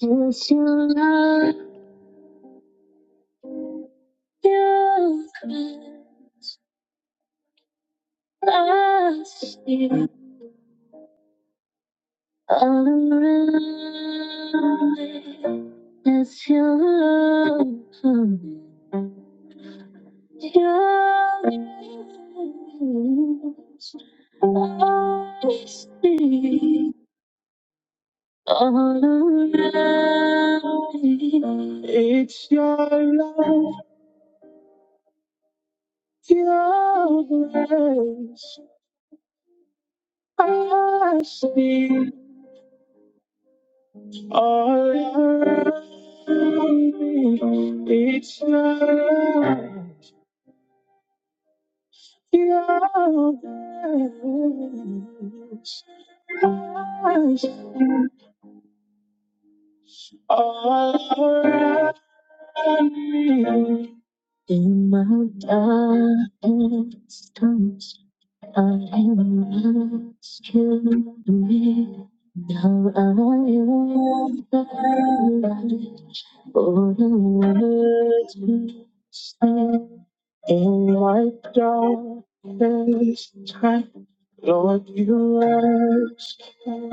Yes, you love you last you all around me. Yes, you love you I see all around me. It's your love, your grace. I see. All around me, it's not like the others. All around me, in my darkest times, I am lost to me. Now I am the light for the world to In my darkest time, Lord, you rescued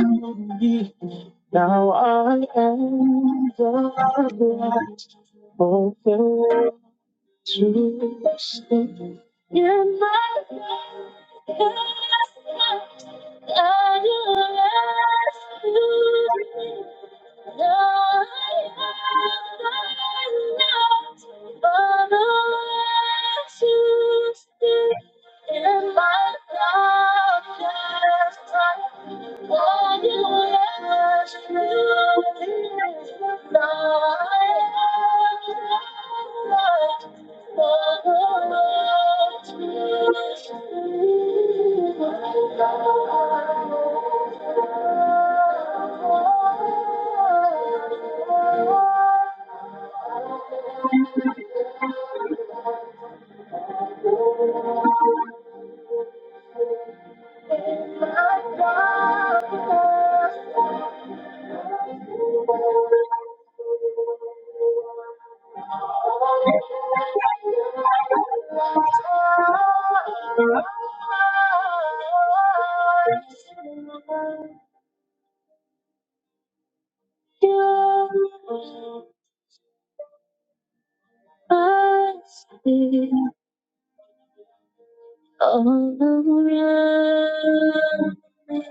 me. Now I am the light of the world to sleep in my bed. And I ask you, rescued me. Now I am not unless you still in my darkest why you left me alive? What a love to me, my God. All around me is your love, your grace. I see all around me.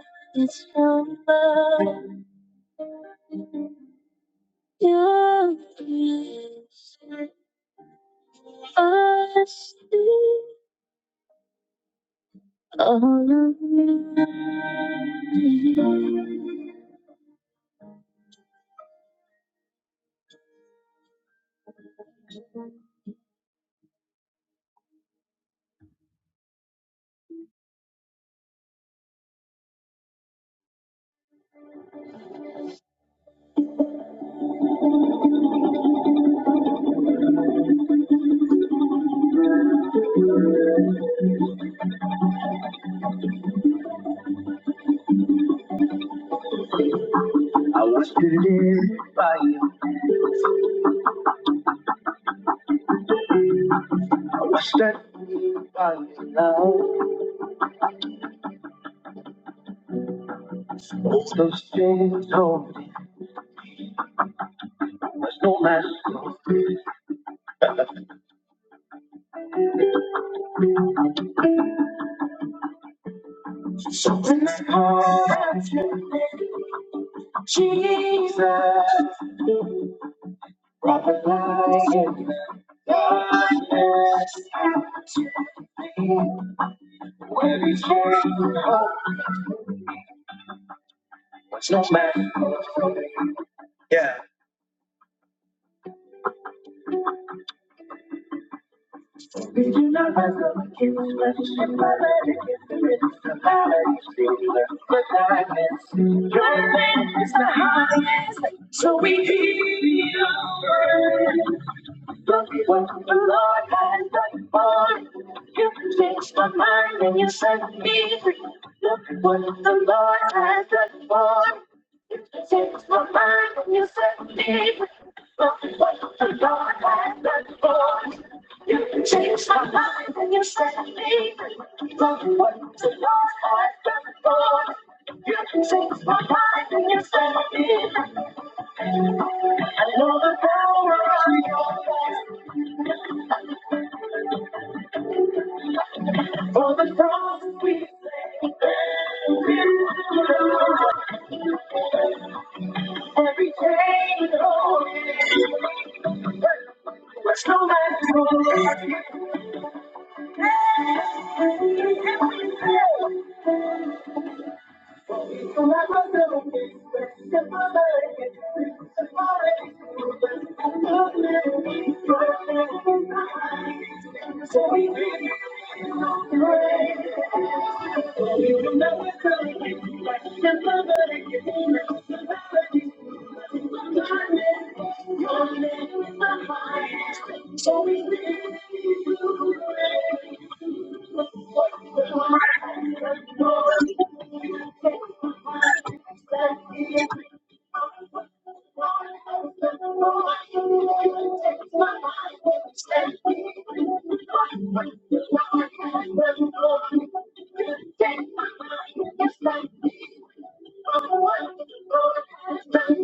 I wish that we find love. So she told me there's no match for this heart. Jesus, I'm lying. past. We can't be united. Give us friendship, my lady. But diamonds, your name is the highest. So we keep it up. Look at what the Lord has done for you. You can change my mind and you set me free. Look at what the Lord has done for you. You can change my mind and you set me free. Look at what the Lord has done for you. You can change my mind and you set me free. Look at what the Lord has done for you. You can change my mind and you set me free. I know the power of your grace. On the cross we lay, every chain holding, was no man's wrong. So I was the best, the best, the best. So we did no grace. We will never tell you, like the best, the best. So we sail through the waves.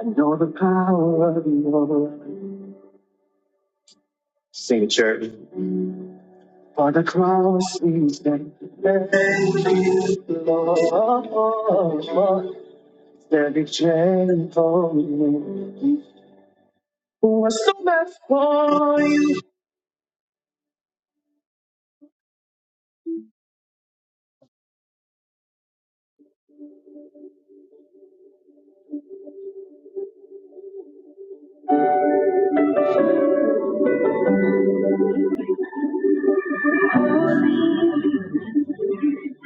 I know the power of love. Sing church. For the cross is that the Lord. Steady chain for me. Who was so bad for you?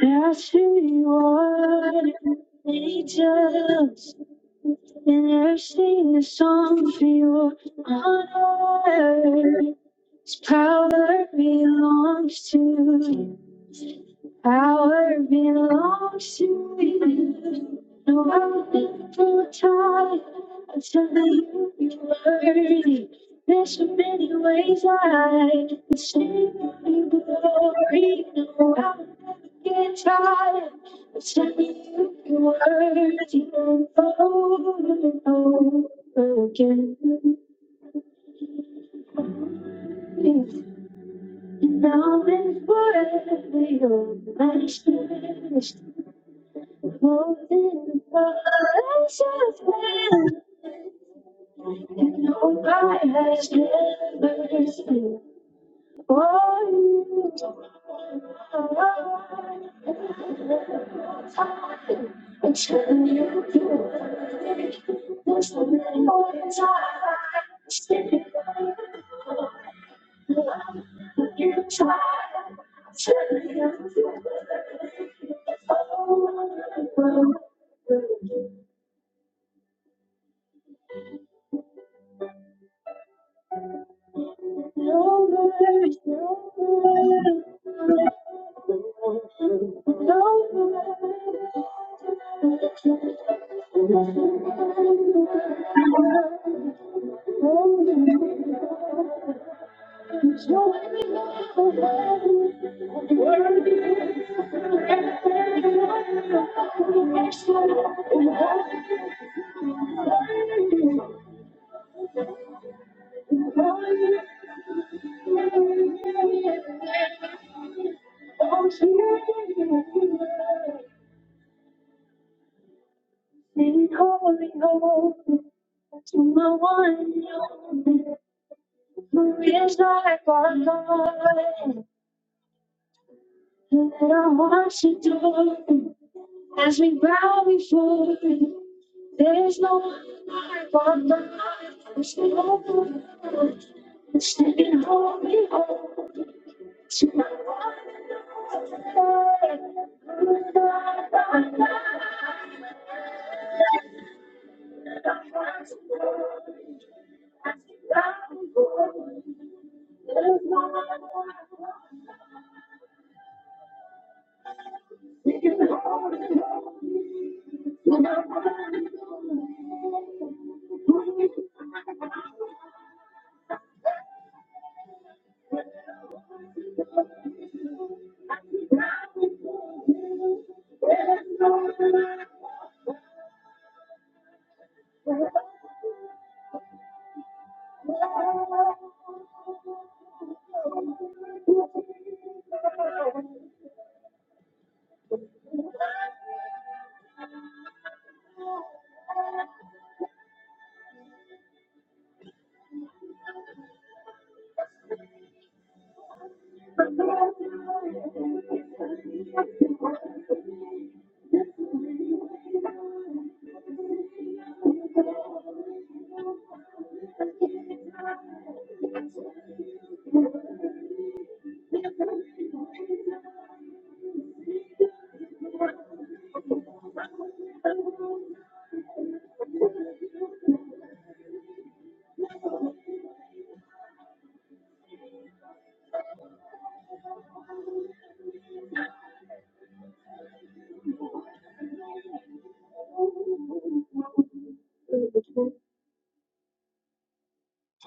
There she was, angels, and there sing a song for your honor. Its power belongs to you. Power belongs to you. No one will try until you are worthy. There's so many ways I can sing you glory. No, I will never get tired until you are worthy over and over again. And now and forever, you're my strength. Holding the precious hand that nobody has ever seen. One time, until you do. There's no more time. Stick it you try. Until you do. Oh, oh, oh. no mercy, no mercy, no Yes, I got God, and I want you to. do As we bow before you, there's no one like our God. There's no one standing holy over tonight.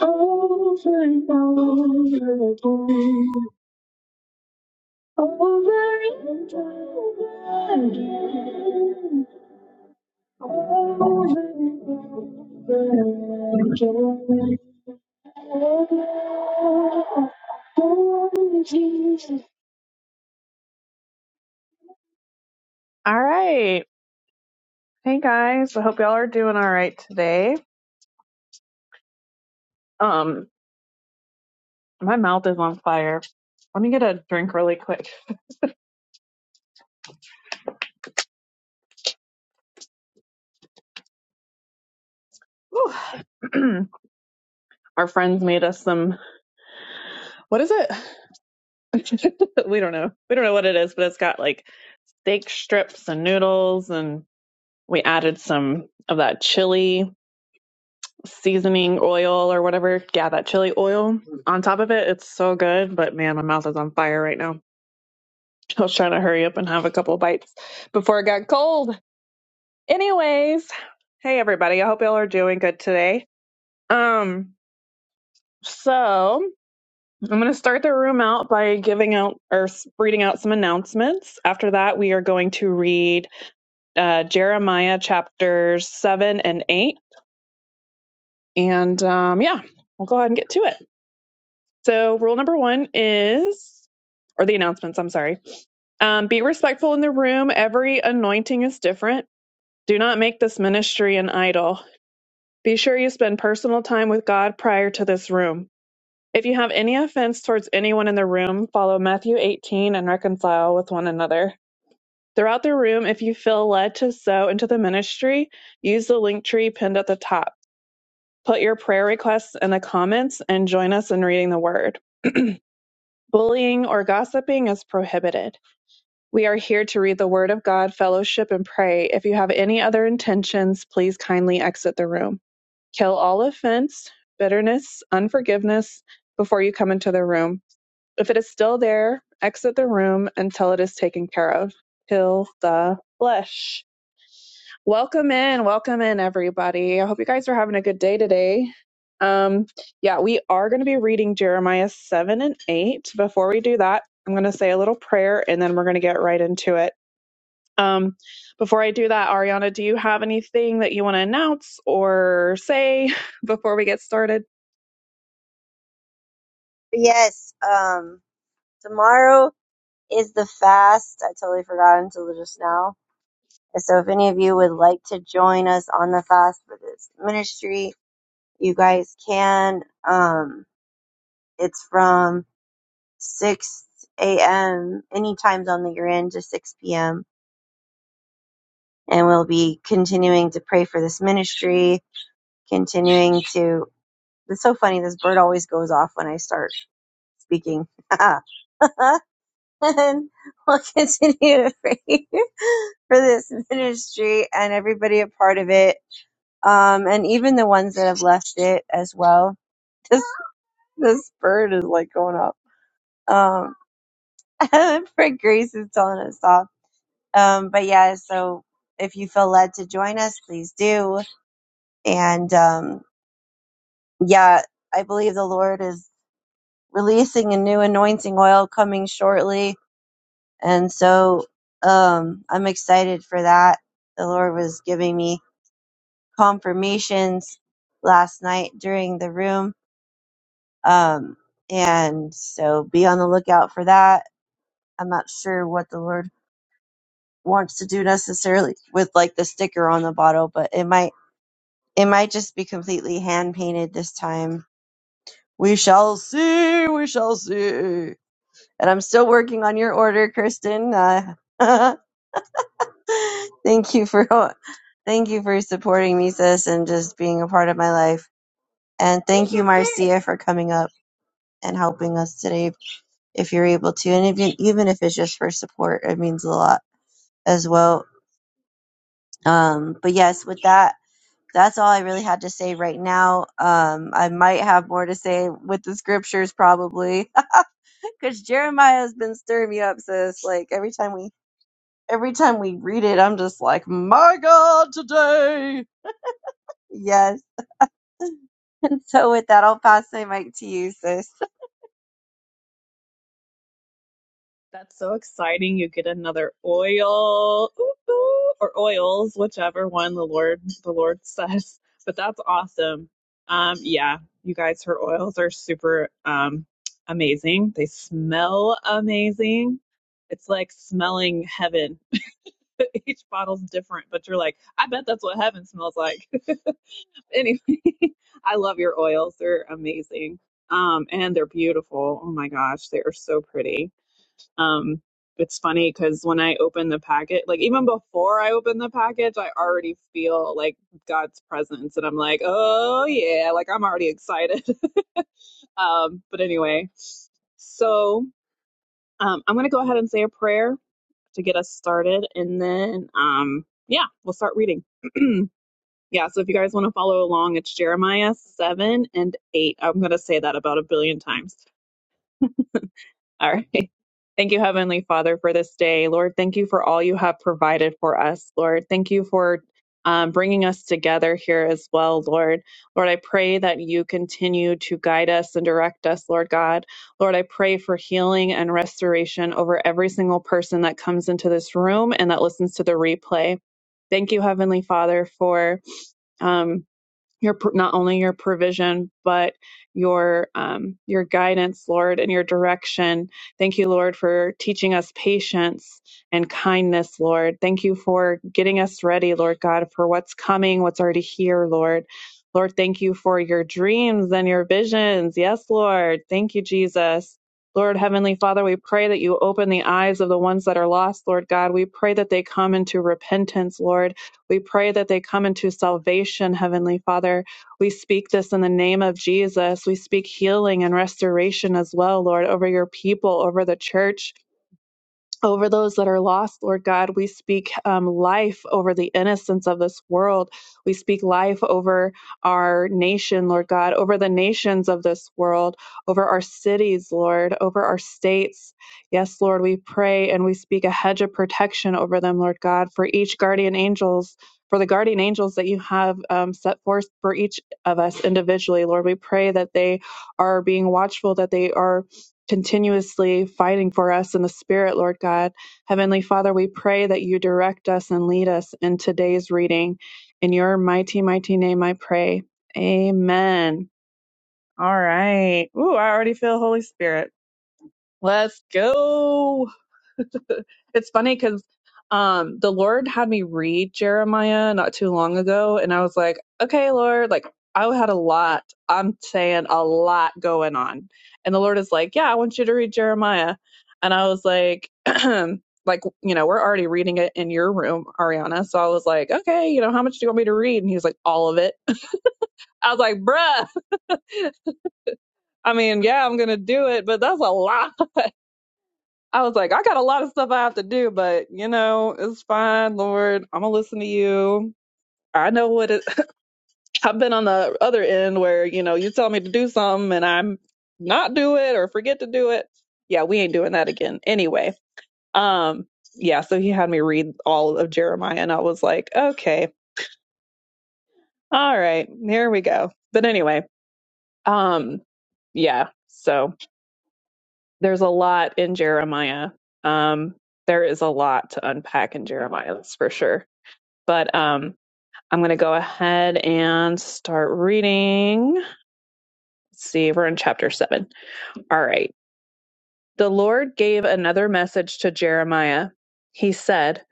Over and over again, over and over again, over and over again. Oh, holy Jesus. Doing all right today. Um, My mouth is on fire. Let me get a drink really quick. Whew. Our friends made us some, what is it? we don't know. We don't know what it is, but it's got like steak strips and noodles, and we added some of that chili seasoning oil or whatever. Yeah, that chili oil on top of it. It's so good, but man, my mouth is on fire right now. I was trying to hurry up and have a couple bites before it got cold. Anyways, hey everybody. I hope y'all are doing good today. Um, So I'm going to start the room out by giving out or s- reading out some announcements. After that, we are going to read uh, Jeremiah chapters seven and eight, and um, yeah, we'll go ahead and get to it. So rule number one is. Or the announcements, I'm sorry. Um, be respectful in the room. Every anointing is different. Do not make this ministry an idol. Be sure you spend personal time with God prior to this room. If you have any offense towards anyone in the room, follow Matthew 18 and reconcile with one another. Throughout the room, if you feel led to sow into the ministry, use the link tree pinned at the top. Put your prayer requests in the comments and join us in reading the word. Bullying or gossiping is prohibited. We are here to read the word of God, fellowship, and pray. If you have any other intentions, please kindly exit the room. Kill all offense, bitterness, unforgiveness before you come into the room. If it is still there, exit the room until it is taken care of. Kill the flesh. Welcome in, welcome in, everybody. I hope you guys are having a good day today. Um, yeah, we are going to be reading Jeremiah 7 and 8. Before we do that, I'm going to say a little prayer and then we're going to get right into it. Um, before I do that, Ariana, do you have anything that you want to announce or say before we get started? Yes, um, tomorrow is the fast. I totally forgot until just now. And so if any of you would like to join us on the fast for this ministry, you guys can. Um, it's from 6 a.m. any time zone that you're in to 6 p.m. And we'll be continuing to pray for this ministry, continuing to. It's so funny. This bird always goes off when I start speaking. and we'll continue to pray for this ministry and everybody a part of it, um, and even the ones that have left it as well. This this bird is like going up. Um, for Grace is telling us off. Um, but yeah, so if you feel led to join us, please do. And um, yeah, I believe the Lord is releasing a new anointing oil coming shortly And so um, I'm excited for that. The Lord was giving me confirmations last night during the room. Um, and so be on the lookout for that. I'm not sure what the Lord wants to do necessarily with like the sticker on the bottle, but it might it might just be completely hand painted this time. We shall see, we shall see. And I'm still working on your order, Kristen. Uh, thank you for thank you for supporting me, sis, and just being a part of my life. And thank you, Marcia, for coming up and helping us today if you're able to. And if you, even if it's just for support, it means a lot as well. Um, but yes, with that, that's all I really had to say right now. Um, I might have more to say with the scriptures probably because Jeremiah has been stirring me up, sis. Like every time we every time we read it, I'm just like, my God, today. Yes, So with that, I'll pass my mic to you, sis. That's so exciting. You get another oil ooh, ooh, or oils, whichever one the Lord the Lord says. But that's awesome. Um yeah, you guys her oils are super um amazing. They smell amazing. It's like smelling heaven. Each bottle's different, but you're like, I bet that's what heaven smells like. anyway, I love your oils. They're amazing. Um and they're beautiful. Oh my gosh, they are so pretty. Um, it's funny because when I open the packet, like even before I open the package, I already feel like God's presence, and I'm like, oh yeah, like I'm already excited. um, but anyway, so um, I'm gonna go ahead and say a prayer to get us started, and then um, yeah, we'll start reading. yeah, so if you guys want to follow along, it's Jeremiah seven and eight. I'm gonna say that about a billion times. All right. Thank you, Heavenly Father, for this day. Lord, thank you for all you have provided for us. Lord, thank you for um, bringing us together here as well, Lord. Lord, I pray that you continue to guide us and direct us, Lord God. Lord, I pray for healing and restoration over every single person that comes into this room and that listens to the replay. Thank you, Heavenly Father, for. Um, your not only your provision but your um, your guidance lord and your direction thank you lord for teaching us patience and kindness lord thank you for getting us ready lord god for what's coming what's already here lord lord thank you for your dreams and your visions yes lord thank you jesus Lord Heavenly Father, we pray that you open the eyes of the ones that are lost, Lord God. We pray that they come into repentance, Lord we pray that they come into salvation, Heavenly Father. We speak this in the name of Jesus. We speak healing and restoration as well, Lord, over your people, over the church over those that are lost, Lord God. We speak um, life over the innocence of this world. We speak life over our nation, Lord God, over the nations of this world, over our cities, Lord, over our states. Yes, Lord, we pray and we speak a hedge of protection over them, Lord God, for each guardian angels. For the guardian angels that you have um, set forth for each of us individually, Lord, we pray that they are being watchful, that they are continuously fighting for us in the Spirit, Lord God. Heavenly Father, we pray that you direct us and lead us in today's reading. In your mighty, mighty name, I pray. Amen. All right. Ooh, I already feel Holy Spirit. Let's go. it's funny because um the lord had me read jeremiah not too long ago and i was like okay lord like i had a lot i'm saying a lot going on and the lord is like yeah i want you to read jeremiah and i was like like you know we're already reading it in your room ariana so i was like okay you know how much do you want me to read and he was like all of it i was like bruh i mean yeah i'm gonna do it but that's a lot I was like, I got a lot of stuff I have to do, but you know, it's fine, Lord. I'm gonna listen to you. I know what it. I've been on the other end where you know you tell me to do something and I'm not do it or forget to do it. Yeah, we ain't doing that again. Anyway, um, yeah. So he had me read all of Jeremiah, and I was like, okay, all right, here we go. But anyway, um, yeah. So there's a lot in Jeremiah. Um, there is a lot to unpack in Jeremiah, that's for sure But um, I'm going to go ahead and start reading. Let's see, we're in chapter 7. All right. The Lord gave another message to Jeremiah. He said,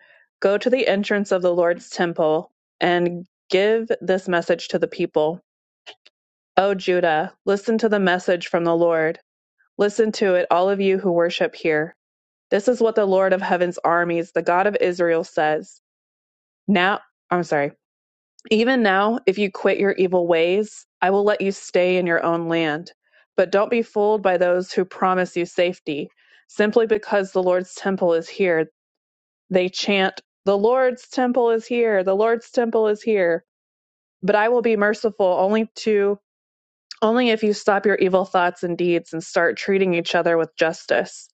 Go to the entrance of the Lord's temple and give this message to the people. O Judah, listen to the message from the Lord. Listen to it, all of you who worship here. This is what the Lord of heaven's armies, the God of Israel, says. Now, I'm sorry. Even now, if you quit your evil ways, I will let you stay in your own land. But don't be fooled by those who promise you safety. Simply because the Lord's temple is here, they chant, The Lord's temple is here, the Lord's temple is here. But I will be merciful only to only if you stop your evil thoughts and deeds and start treating each other with justice.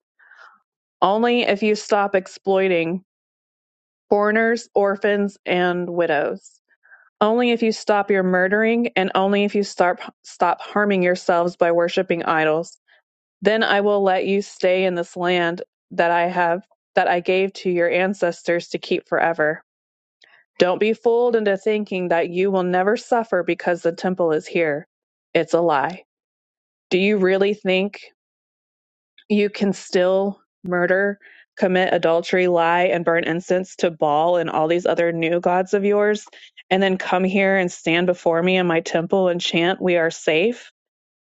Only if you stop exploiting foreigners, orphans, and widows. Only if you stop your murdering, and only if you stop stop harming yourselves by worshiping idols, then I will let you stay in this land that I have that I gave to your ancestors to keep forever. Don't be fooled into thinking that you will never suffer because the temple is here. It's a lie. Do you really think you can still murder, commit adultery, lie, and burn incense to Baal and all these other new gods of yours, and then come here and stand before me in my temple and chant, We are safe,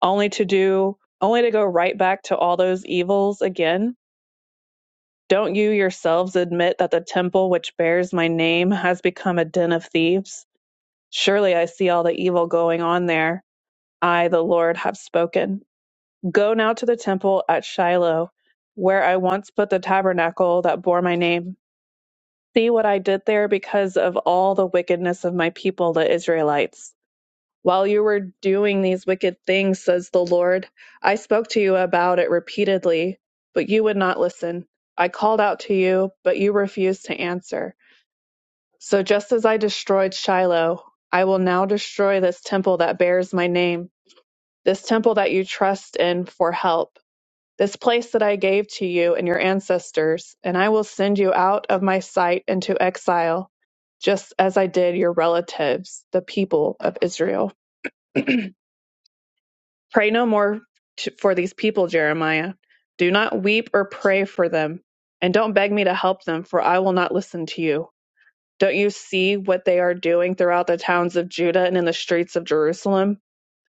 only to do, only to go right back to all those evils again? Don't you yourselves admit that the temple which bears my name has become a den of thieves? Surely I see all the evil going on there. I, the Lord, have spoken. Go now to the temple at Shiloh, where I once put the tabernacle that bore my name. See what I did there because of all the wickedness of my people, the Israelites. While you were doing these wicked things, says the Lord, I spoke to you about it repeatedly, but you would not listen. I called out to you, but you refused to answer. So just as I destroyed Shiloh, I will now destroy this temple that bears my name, this temple that you trust in for help this place that I gave to you and your ancestors, and I will send you out of my sight into exile, just as I did your relatives, the people of Israel. Pray no more t for these people, Jeremiah. Do not weep or pray for them, and don't beg me to help them, for I will not listen to you. Don't you see what they are doing throughout the towns of Judah and in the streets of Jerusalem?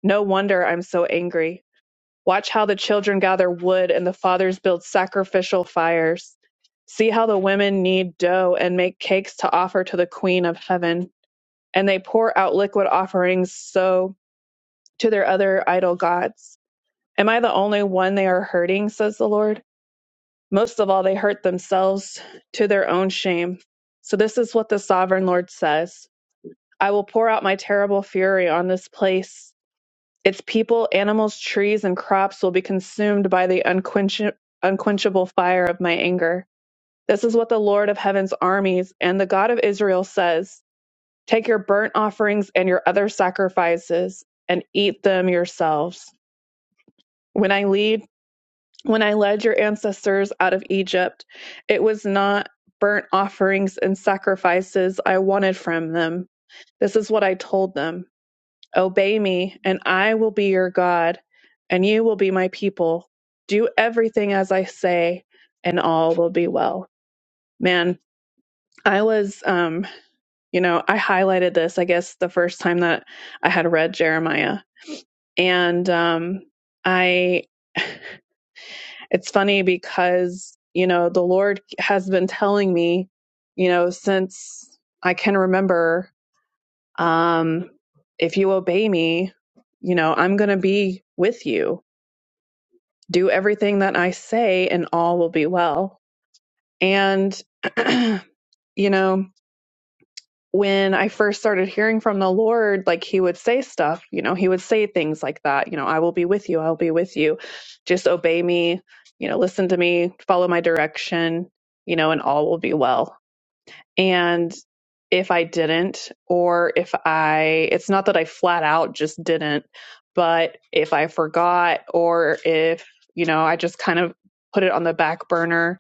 No wonder I'm so angry. Watch how the children gather wood and the fathers build sacrificial fires. See how the women knead dough and make cakes to offer to the queen of heaven. And they pour out liquid offerings so to their other idol gods. Am I the only one they are hurting, says the Lord? Most of all, they hurt themselves to their own shame. So this is what the sovereign Lord says I will pour out my terrible fury on this place its people, animals, trees, and crops will be consumed by the unquench- unquenchable fire of my anger. This is what the Lord of heaven's armies and the God of Israel says Take your burnt offerings and your other sacrifices and eat them yourselves. When I lead, when I led your ancestors out of Egypt, it was not burnt offerings and sacrifices I wanted from them. This is what I told them. Obey me, and I will be your God, and you will be my people. Do everything as I say, and all will be well. Man, I was, um, you know, I highlighted this, I guess, the first time that I had read Jeremiah. And um, I, it's funny because, you know, the Lord has been telling me, you know, since I can remember, um, if you obey me, you know, I'm going to be with you do everything that I say and all will be well. And, you know, when I first started hearing from the Lord, like he would say stuff, you know, he would say things like that, you know, I will be with you, I'll be with you. Just obey me, you know, listen to me, follow my direction, you know, and all will be well and if I didn't, or if I, it's not that I flat out just didn't, but if I forgot, or if, you know, I just kind of put it on the back burner,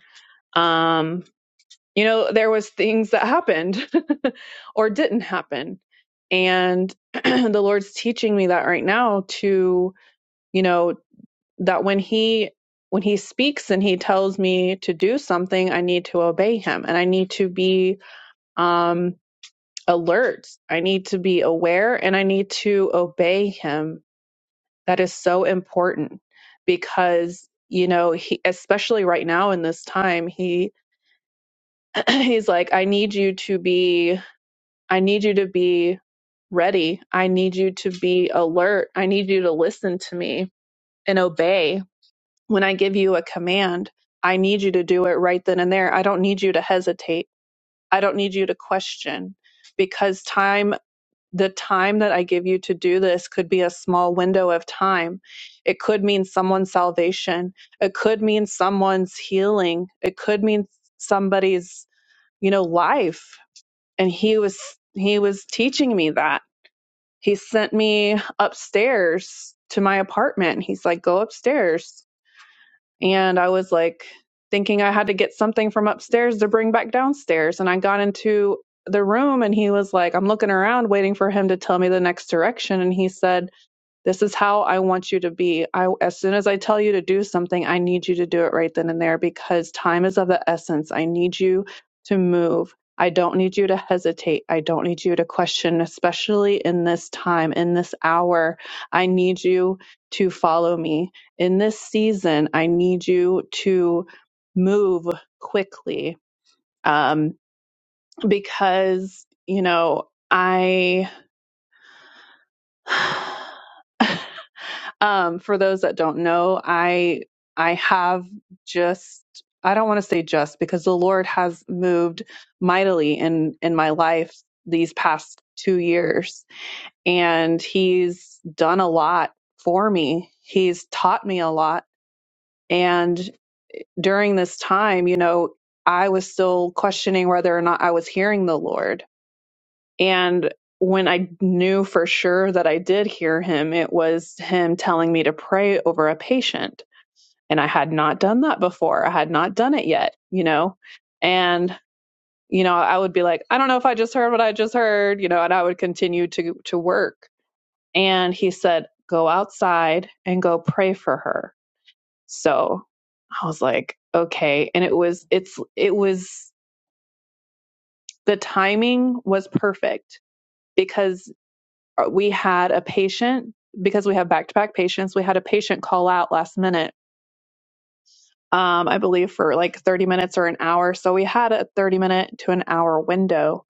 um, you know, there was things that happened or didn't happen. And the Lord's teaching me that right now to, you know, that when he, when he speaks and he tells me to do something, I need to obey him and I need to be, um, alert. I need to be aware and I need to obey him. That is so important because you know, he especially right now in this time, he he's like I need you to be I need you to be ready. I need you to be alert. I need you to listen to me and obey when I give you a command. I need you to do it right then and there. I don't need you to hesitate. I don't need you to question because time the time that I give you to do this could be a small window of time. It could mean someone's salvation. It could mean someone's healing. It could mean somebody's, you know, life. And he was he was teaching me that. He sent me upstairs to my apartment. He's like, "Go upstairs and I was like thinking I had to get something from upstairs to bring back downstairs. And I got into the room and he was like, I'm looking around waiting for him to tell me the next direction. And he said, this is how I want you to be. I, as soon as I tell you to do something, I need you to do it right then and there because time is of the essence. I need you to move. I don't need you to hesitate. I don't need you to question, especially in this time, in this hour. I need you to follow me. In this season, I need you to move quickly um, because, you know, I. Um, for those that don't know, I I have just I don't want to say just because the Lord has moved mightily in in my life these past 2 years and he's done a lot for me. He's taught me a lot and during this time, you know, I was still questioning whether or not I was hearing the Lord. And when I knew for sure that I did hear him, it was him telling me to pray over a patient and I had not done that before. I had not done it yet, you know? And, you know, I would be like, I don't know if I just heard what I just heard, you know, and I would continue to to work. And he said, Go outside and go pray for her. So I was like, okay. And it was it's it was the timing was perfect because uh, we had a patient because we have back to back patients, we had a patient call out last minute um, I believe for like 30 minutes or an hour. So we had a 30 minute to an hour window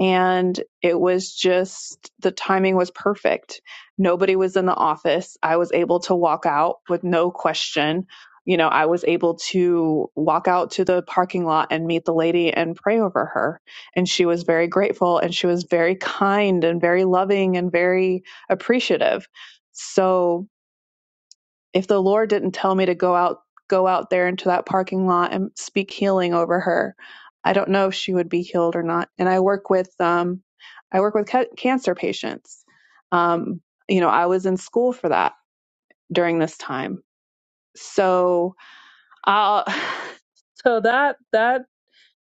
and it was just the timing was perfect. Nobody was in the office. I was able to walk out with no question. You know, I was able to walk out to the parking lot and meet the lady and pray over her. And she was very grateful and she was very kind and very loving and very appreciative. So if the Lord didn't tell me to go out go out there into that parking lot and speak healing over her, I don't know if she would be healed or not. And I work with um I work with ca- cancer patients. Um you know, I was in school for that during this time. So I'll so that that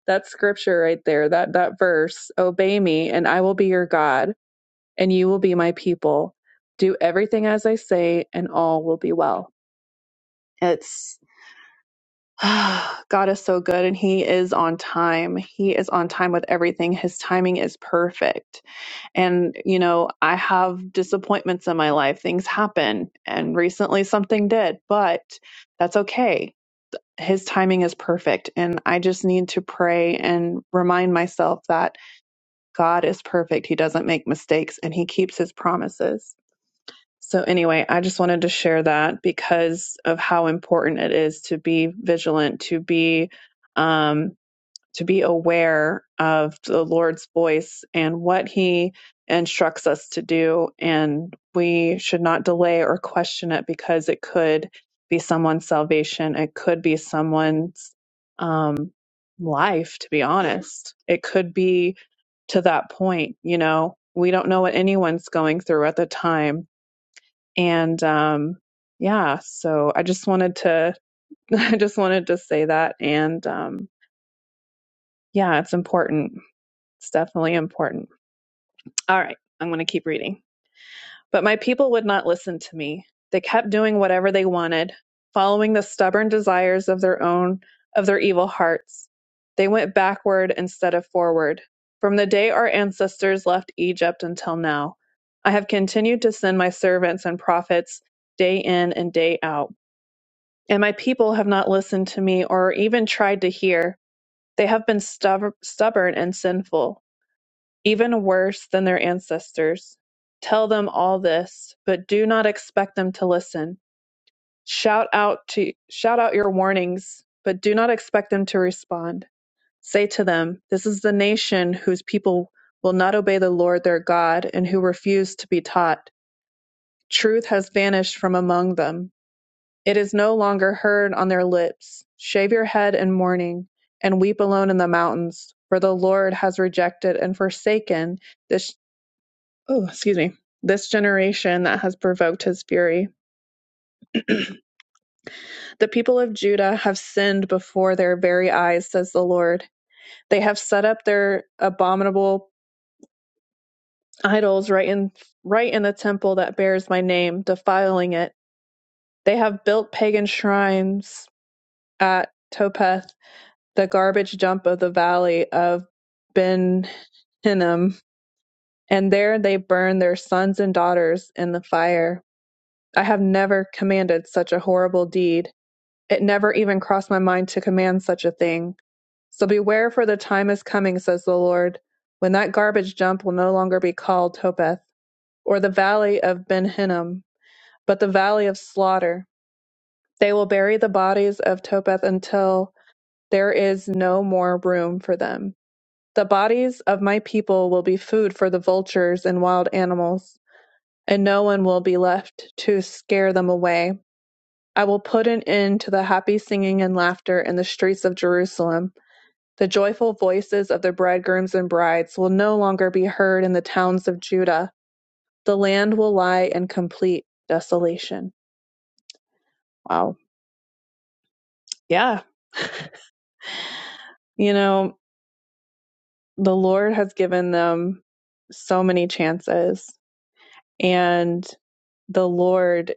that scripture right there, that that verse, obey me and I will be your God and you will be my people. Do everything as I say and all will be well. It's God is so good and he is on time. He is on time with everything. His timing is perfect. And, you know, I have disappointments in my life. Things happen. And recently something did, but that's okay. His timing is perfect. And I just need to pray and remind myself that God is perfect. He doesn't make mistakes and he keeps his promises. So, anyway, I just wanted to share that because of how important it is to be vigilant, to be um, to be aware of the Lord's voice and what He instructs us to do, and we should not delay or question it because it could be someone's salvation. It could be someone's um, life. To be honest, it could be to that point. You know, we don't know what anyone's going through at the time and um yeah so i just wanted to i just wanted to say that and um yeah it's important it's definitely important all right i'm going to keep reading but my people would not listen to me they kept doing whatever they wanted following the stubborn desires of their own of their evil hearts they went backward instead of forward from the day our ancestors left egypt until now i have continued to send my servants and prophets day in and day out and my people have not listened to me or even tried to hear. They have been stub- stubborn and sinful, even worse than their ancestors. Tell them all this, but do not expect them to listen. Shout out to shout out your warnings, but do not expect them to respond. Say to them, this is the nation whose people will not obey the Lord their God and who refuse to be taught. Truth has vanished from among them It is no longer heard on their lips. Shave your head in mourning, and weep alone in the mountains, for the Lord has rejected and forsaken this oh, excuse me, this generation that has provoked his fury. The people of Judah have sinned before their very eyes, says the Lord. They have set up their abominable idols right in right in the temple that bears my name, defiling it. They have built pagan shrines at Topeth the garbage dump of the valley of Ben Hinnom, and there they burn their sons and daughters in the fire. I have never commanded such a horrible deed. It never even crossed my mind to command such a thing. So beware, for the time is coming, says the Lord, when that garbage dump will no longer be called Topeth, or the valley of Ben Hinnom, but the valley of slaughter. They will bury the bodies of Topeth until there is no more room for them. The bodies of my people will be food for the vultures and wild animals, and no one will be left to scare them away. I will put an end to the happy singing and laughter in the streets of Jerusalem. The joyful voices of the bridegrooms and brides will no longer be heard in the towns of Judah. The land will lie in complete desolation. Wow. Yeah. You know, the Lord has given them so many chances, and the Lord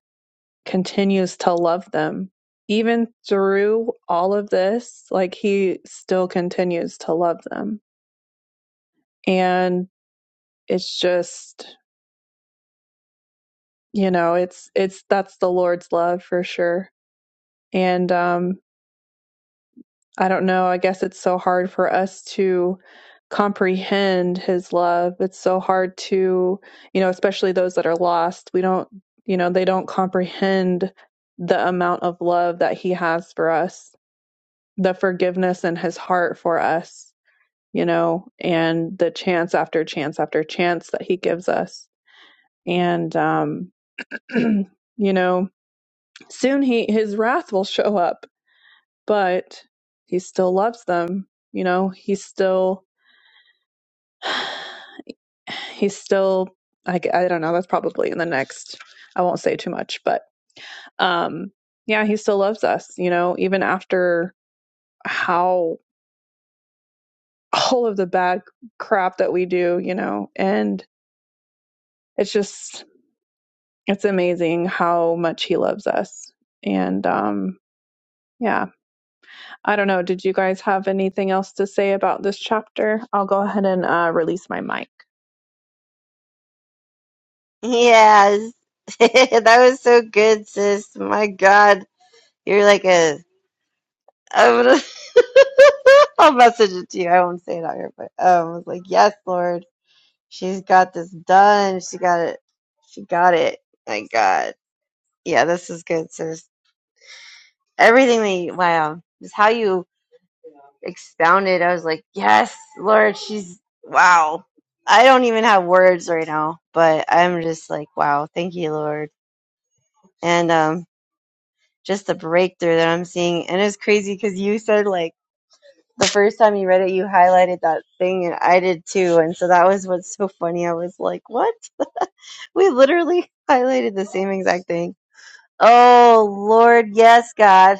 continues to love them. Even through all of this, like he still continues to love them. And it's just, you know, it's it's that's the Lord's love for sure. And um I don't know, I guess it's so hard for us to comprehend his love. It's so hard to, you know, especially those that are lost. We don't, you know, they don't comprehend the amount of love that he has for us the forgiveness in his heart for us, you know, and the chance after chance after chance that he gives us. And um you know, soon he his wrath will show up, but he still loves them. You know, he's still he's still I I g- I don't know, that's probably in the next I won't say too much, but um yeah, he still loves us, you know, even after how all of the bad crap that we do, you know, and it's just it's amazing how much he loves us. And um, yeah, I don't know. Did you guys have anything else to say about this chapter? I'll go ahead and uh, release my mic. Yes. That was so good, sis. My God. You're like a I'm gonna I'll message it to you. I won't say it out here, but um I was like, Yes, Lord. She's got this done. She got it. She got it. My God. Yeah, this is good, sis. Everything that you wow. Just how you expounded, I was like, yes, Lord, she's wow. I don't even have words right now, but I'm just like, wow, thank you, Lord. And um, just the breakthrough that I'm seeing. And it's crazy because you said, like, the first time you read it, you highlighted that thing, and I did too. And so that was what's so funny. I was like, what? We literally highlighted the same exact thing. Oh, Lord, yes, God.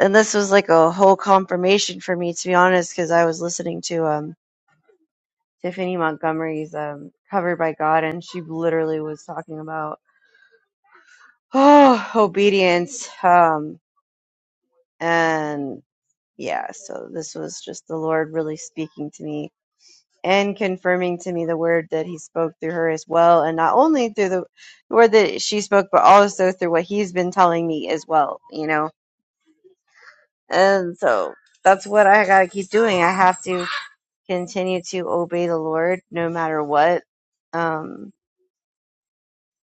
And this was like a whole confirmation for me, to be honest, because I was listening to um Tiffany Montgomery's um, Covered by God, and she literally was talking about oh, obedience. Um, and yeah, so this was just the Lord really speaking to me and confirming to me the word that He spoke through her as well, and not only through the word that she spoke, but also through what He's been telling me as well, you know? And so that's what I gotta keep doing. I have to continue to obey the Lord no matter what. Um,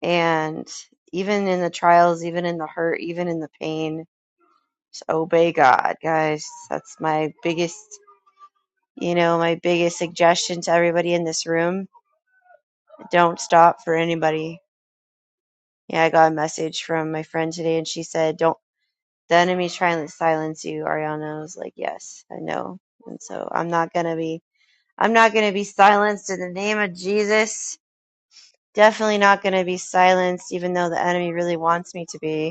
And even in the trials, even in the hurt, even in the pain, just obey God, guys. That's my biggest, you know, my biggest suggestion to everybody in this room. Don't stop for anybody. Yeah, I got a message from my friend today and she said, Don't, the enemy's trying to silence you, Ariana. I was like, Yes, I know. And so I'm not going to be, I'm not going to be silenced in the name of Jesus. Definitely not going to be silenced, even though the enemy really wants me to be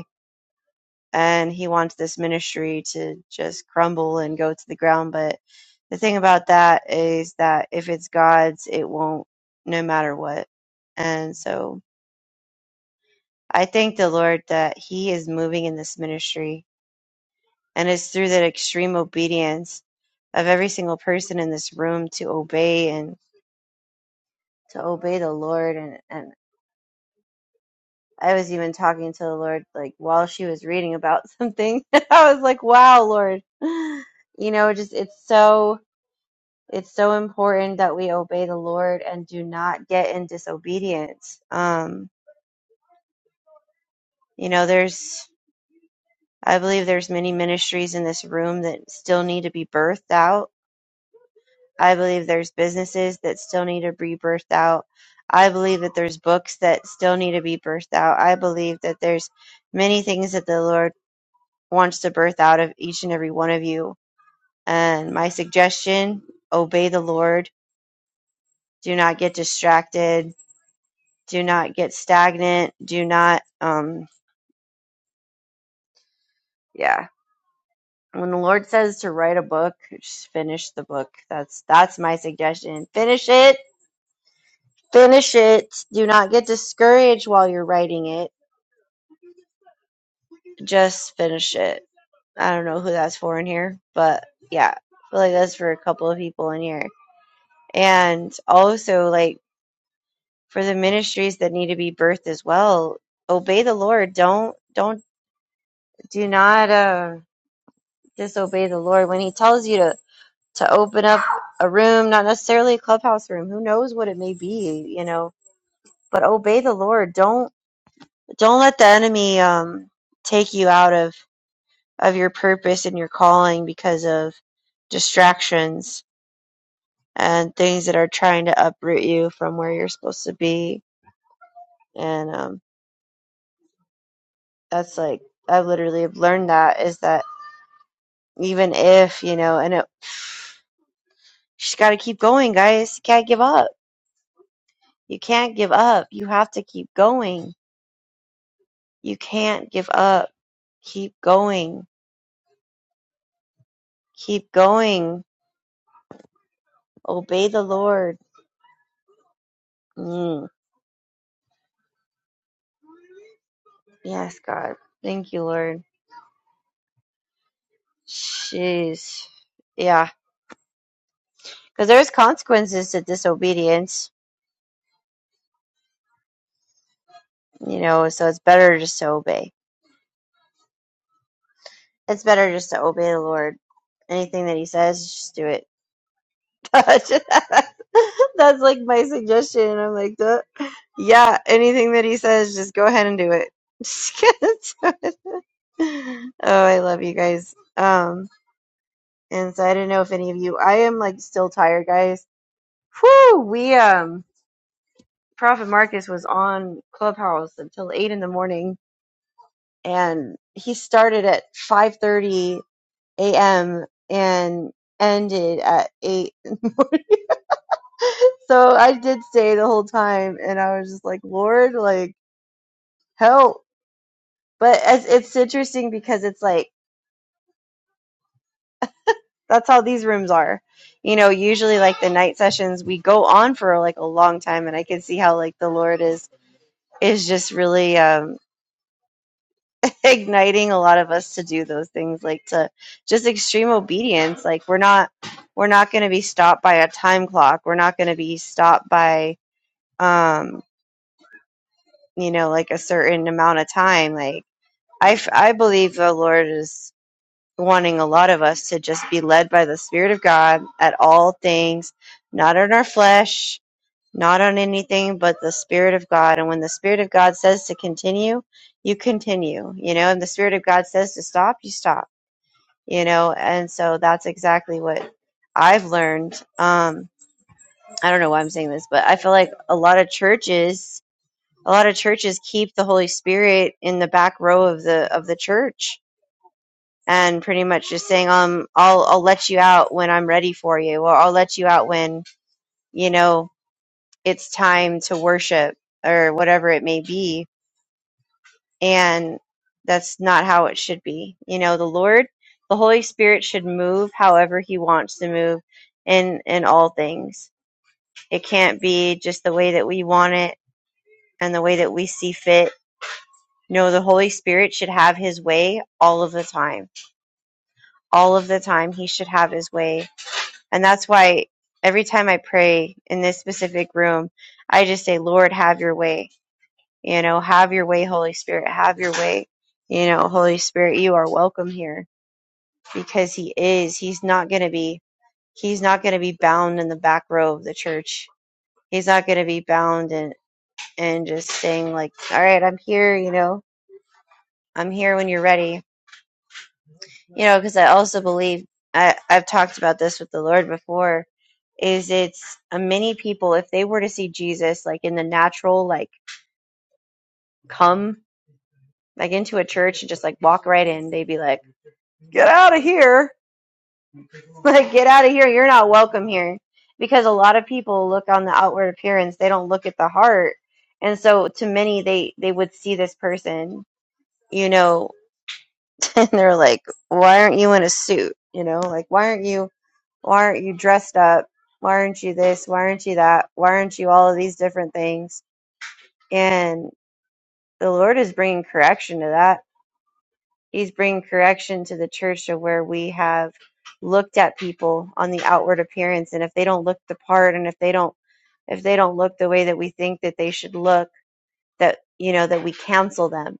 and he wants this ministry to just crumble and go to the ground. But the thing about that is that if it's God's, it won't, no matter what. And so I thank the Lord that He is moving in this ministry. And it's through that extreme obedience of every single person in this room to obey and to obey the Lord. And, and I was even talking to the Lord, like while she was reading about something, I was like, wow, Lord. You know, just it's so it's so important that we obey the Lord and do not get in disobedience. Um, you know, there's I believe there's many ministries in this room that still need to be birthed out. I believe there's businesses that still need to be birthed out. I believe that there's books that still need to be birthed out. I believe that there's many things that the Lord wants to birth out of each and every one of you. And my suggestion, obey the Lord. Do not get distracted do not get stagnant do not um yeah when the lord says to write a book just finish the book that's that's my suggestion finish it finish it do not get discouraged while you're writing it just finish it i don't know who that's for in here but yeah i feel like that's for a couple of people in here and also like for the ministries that need to be birthed as well obey the lord don't don't do not uh disobey the lord when he tells you to to open up a room, not necessarily a clubhouse room. Who knows what it may be, you know? But obey the Lord. Don't don't let the enemy um, take you out of of your purpose and your calling because of distractions and things that are trying to uproot you from where you're supposed to be. And um, that's like I literally have learned that is that even if you know, and it, you just got to keep going, guys. You can't give up. You can't give up. You have to keep going You can't give up. Keep going. Keep going. Obey the Lord. Mm. Yes, God. Thank you, Lord. Jeez. Yeah. Because there's consequences to disobedience, you know, so it's better just to obey. It's better just to obey the Lord. Anything that He says, just do it. gosh. That's like my suggestion. I'm like, duh. yeah, anything that he says, just go ahead and do it. Just gonna do it. oh, I love you guys. Um, and so I don't know if any of you, I am like still tired, guys. Whew, we, um, Prophet Marcus was on Clubhouse until eight in the morning and he started at 5.30 a.m. and ended at eight. So I did stay the whole time, and I was just like, Lord, like, help. But as it's interesting because it's like, that's how these rooms are. You know, usually like the night sessions, we go on for like a long time, and I can see how like the Lord is is just really um, igniting a lot of us to do those things, like to just extreme obedience. Like we're not we're not going to be stopped by a time clock. We're not going to be stopped by um, you know like a certain amount of time, like. I, f- I believe the Lord is wanting a lot of us to just be led by the Spirit of God at all things, not on our flesh, not on anything, but the Spirit of God. And when the Spirit of God says to continue, you continue, you know, and the Spirit of God says to stop, you stop, you know, and so that's exactly what I've learned. Um, I don't know why I'm saying this, but I feel like a lot of churches. A lot of churches keep the Holy Spirit in the back row of the of the church and pretty much just saying, um, I'll I'll let you out when I'm ready for you, or I'll let you out when you know it's time to worship or whatever it may be. And that's not how it should be. You know, the Lord, the Holy Spirit should move however He wants to move in in all things. It can't be just the way that we want it and the way that we see fit. No, the Holy Spirit should have His way all of the time. All of the time, He should have His way And that's why every time I pray in this specific room, I just say, Lord, have your way. You know, have your way, Holy Spirit. Have your way. You know, Holy Spirit, you are welcome here because He is. He's not going to be. He's not going to be bound in the back row of the church. He's not going to be bound and and just saying like, all right, I'm here. You know, I'm here when you're ready. you know because i also believe I, i've talked about this with the lord before is it's uh, many people if they were to see jesus like in the natural like come like into a church and just like walk right in they'd be like get out of here like get out of here you're not welcome here because a lot of people look on the outward appearance they don't look at the heart and so to many they they would see this person you know and they're like why aren't you in a suit you know like why aren't you Why aren't you dressed up? Why aren't you this? Why aren't you that? Why aren't you all of these different things? And the Lord is bringing correction to that. He's bringing correction to the church to where we have looked at people on the outward appearance and if they don't look the part and if they don't if they don't look the way that we think that they should look that you know that we cancel them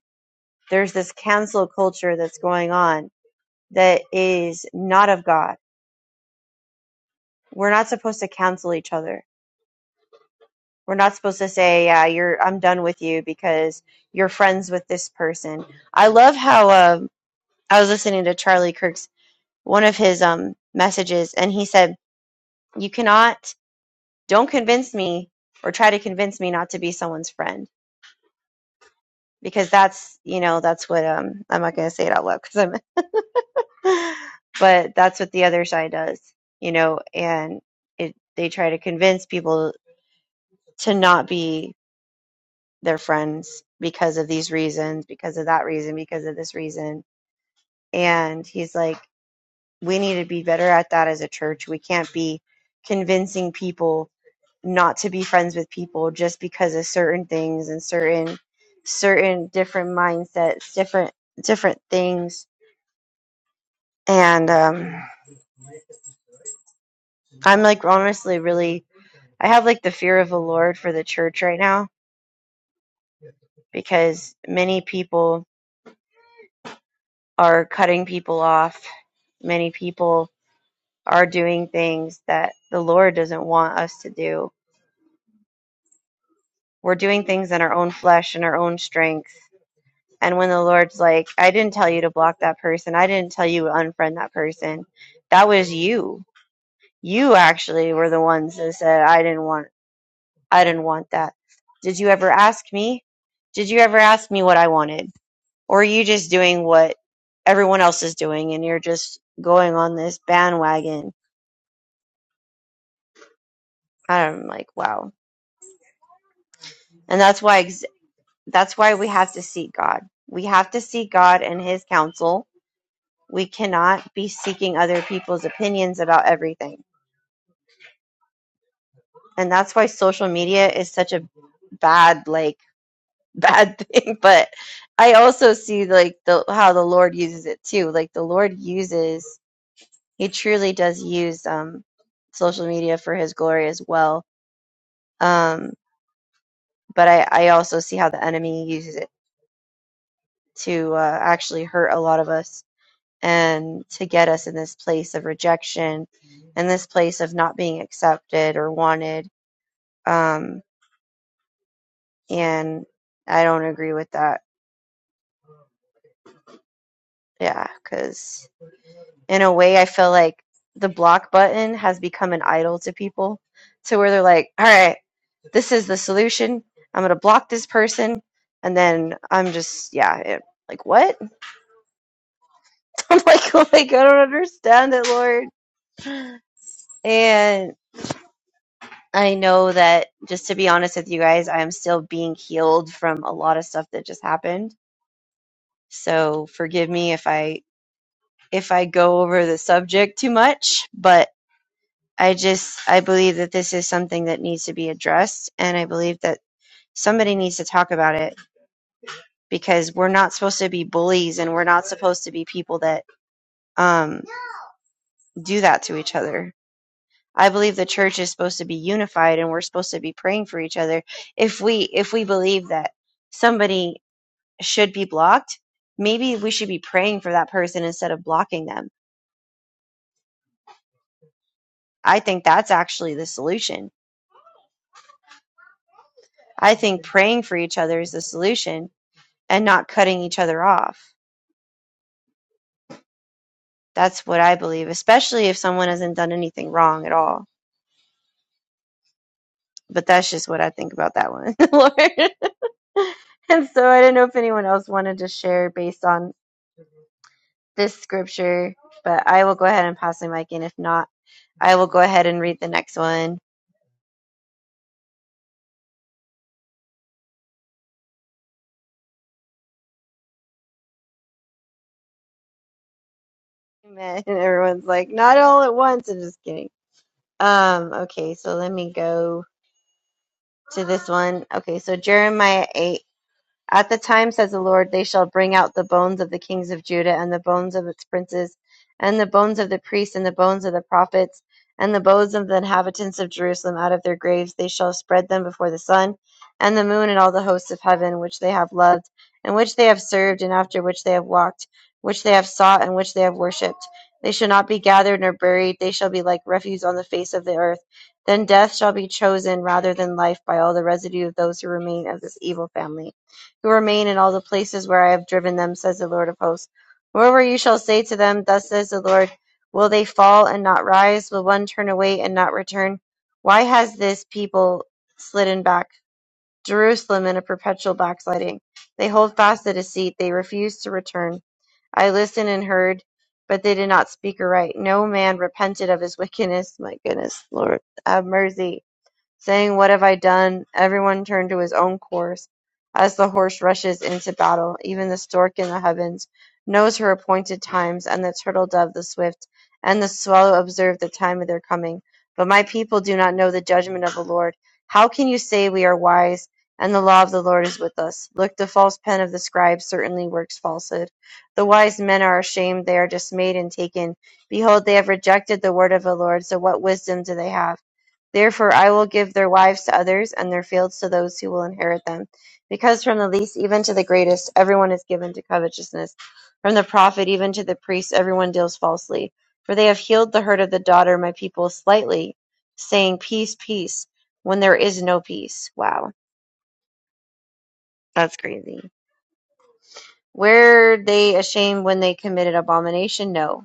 there's this cancel culture that's going on that is not of god we're not supposed to cancel each other We're not supposed to say, "Yeah, you're I'm done with you because you're friends with this person." I love how um, I was listening to Charlie Kirk's one of his um messages, and he said, "You cannot don't convince me or try to convince me not to be someone's friend because that's you know that's what um I'm not gonna say it out loud because I'm, but that's what the other side does, you know, and it they try to convince people to not be." their friends because of these reasons, because of that reason, because of this reason. And he's like, we need to be better at that as a church. We can't be convincing people not to be friends with people just because of certain things and certain certain different mindsets, different different things. And um I'm like honestly really I have like the fear of the Lord for the church right now because many people are cutting people off. Many people are doing things that the Lord doesn't want us to do. We're doing things in our own flesh and our own strength. And when the Lord's like, I didn't tell you to block that person, I didn't tell you to unfriend that person. That was you. You actually were the ones that said, I didn't want I didn't want that. Did you ever ask me? Did you ever ask me what I wanted? Or are you just doing what everyone else is doing and you're just going on this bandwagon? I'm like, wow. And that's why That's why we have to seek God. We have to seek God and His counsel. We cannot be seeking other people's opinions about everything. And that's why social media is such a bad, like, bad thing. But I also see, like, the how the Lord uses it too. Like, the Lord uses, He truly does use um, social media for His glory as well. Um, but I, I also see how the enemy uses it to uh, actually hurt a lot of us and to get us in this place of rejection and this place of not being accepted or wanted. Um, and I don't agree with that. Yeah, because in a way, I feel like the block button has become an idol to people to where they're like, all right, this is the solution. I'm going to block this person. And then I'm just, yeah, it, like, what? I'm like, like, I don't understand it, Lord. And I know that just to be honest with you guys, I am still being healed from a lot of stuff that just happened. So forgive me if I if I go over the subject too much, but I just I believe that this is something that needs to be addressed and I believe that somebody needs to talk about it because we're not supposed to be bullies and we're not supposed to be people that um do that to each other. I believe the church is supposed to be unified and we're supposed to be praying for each other if we if we believe that somebody should be blocked, maybe we should be praying for that person instead of blocking them. I think that's actually the solution. I think praying for each other is the solution and not cutting each other off. That's what I believe, especially if someone hasn't done anything wrong at all. But that's just what I think about that one, Lord. And so I do not know if anyone else wanted to share based on this scripture, but I will go ahead and pass the mic. And if not, I will go ahead and read the next one. Amen. And everyone's like, not all at once. I'm just kidding. Um, okay, so let me go to this one. Okay, so Jeremiah 8 at the time, says the Lord, they shall bring out the bones of the kings of Judah, and the bones of its princes, and the bones of the priests, and the bones of the prophets, and the bones of the inhabitants of Jerusalem out of their graves. They shall spread them before the sun, and the moon, and all the hosts of heaven, which they have loved, and which they have served, and after which they have walked, which they have sought, and which they have worshipped. They shall not be gathered nor buried. They shall be like refuse on the face of the earth. Then death shall be chosen rather than life by all the residue of those who remain of this evil family who remain in all the places where I have driven them, says the Lord of hosts. Moreover, you shall say to them, Thus says the Lord, Will they fall and not rise? Will one turn away and not return? Why has this people slidden back? Jerusalem in a perpetual backsliding. They hold fast the deceit. They refuse to return. I listened and heard, but they did not speak aright. No man repented of his wickedness. My goodness, Lord, have mercy saying, "What have I done?" Everyone turned to his own course as the horse rushes into battle. Even the stork in the heavens knows her appointed times, and the turtle dove, the swift, and the swallow observe the time of their coming. But my people do not know the judgment of the Lord. How can you say we are wise and the law of the Lord is with us? Look, the false pen of the scribe certainly works falsehood. The wise men are ashamed, they are dismayed and taken. Behold, they have rejected the word of the Lord, so what wisdom do they have? Therefore I will give their wives to others, and their fields to those who will inherit them. Because from the least even to the greatest, everyone is given to covetousness. From the prophet even to the priest, everyone deals falsely. For they have healed the hurt of the daughter of my people slightly, saying, Peace, peace, when there is no peace. Wow, that's crazy. Were they ashamed when they committed abomination? No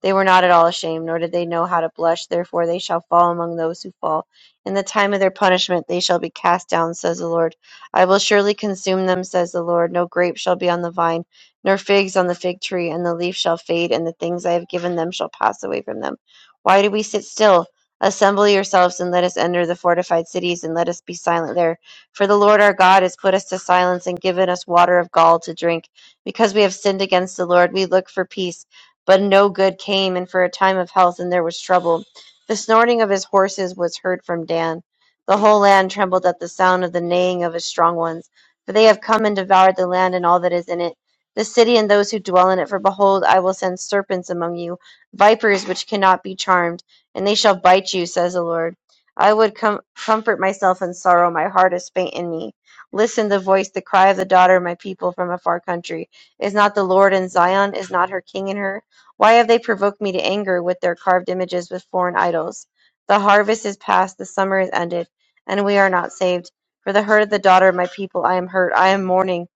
They were not at all ashamed, nor did they know how to blush. Therefore they shall fall among those who fall. In the time of their punishment they shall be cast down, says the Lord. I will surely consume them, says the Lord. No grape shall be on the vine, nor figs on the fig tree, and the leaf shall fade, and the things I have given them shall pass away from them. Why do we sit still? Assemble yourselves and let us enter the fortified cities and let us be silent there. For the Lord our God has put us to silence and given us water of gall to drink. Because we have sinned against the Lord, we look for peace but no good came, and for a time of health, and there was trouble. The snorting of his horses was heard from Dan. The whole land trembled at the sound of the neighing of his strong ones, for they have come and devoured the land and all that is in it, the city and those who dwell in it. For behold, I will send serpents among you, vipers which cannot be charmed, and they shall bite you, says the Lord. I would com- comfort myself in sorrow, my heart is faint in me. Listen the voice, the cry of the daughter of my people from a far country. Is not the Lord in Zion? Is not her king in her? Why have they provoked me to anger with their carved images, with foreign idols? The harvest is past, the summer is ended, and we are not saved. For the hurt of the daughter of my people I am hurt, I am mourning.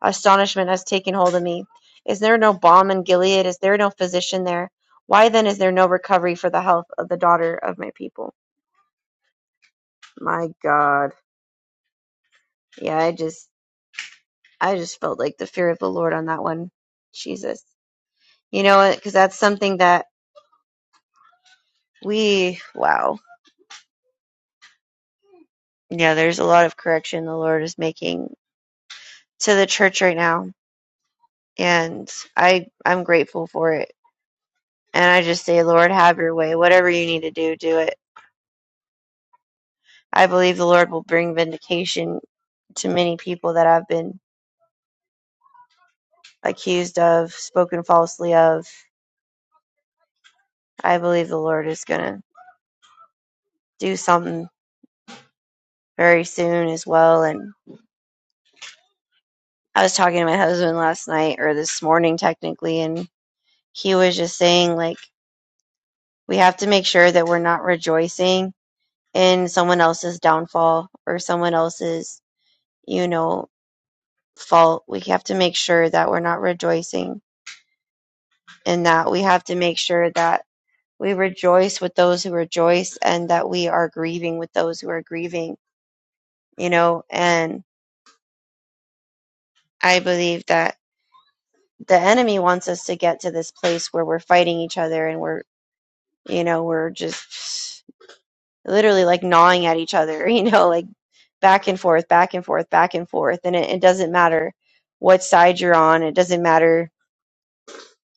Astonishment has taken hold of me. Is there no balm in Gilead? Is there no physician there? Why then is there no recovery for the health of the daughter of my people? My God. Yeah, I just I just felt like the fear of the Lord on that one. Jesus. You know, because that's something that we, wow. yeah, there's a lot of correction the Lord is making to the church right now, and I I'm grateful for it. And I just say, Lord, have your way. Whatever you need to do, do it. I believe the Lord will bring vindication to many people that I've been accused of, spoken falsely of. I believe the Lord is gonna do something very soon as well. And I was talking to my husband last night or this morning technically, and he was just saying like we have to make sure that we're not rejoicing in someone else's downfall or someone else's, you know, fault. We have to make sure that we're not rejoicing in that. We have to make sure that we rejoice with those who rejoice and that we are grieving with those who are grieving, you know, and I believe that the enemy wants us to get to this place where we're fighting each other and we're, you know, we're just literally like gnawing at each other, you know, like back and forth, back and forth, back and forth. And it, it doesn't matter what side you're on, it doesn't matter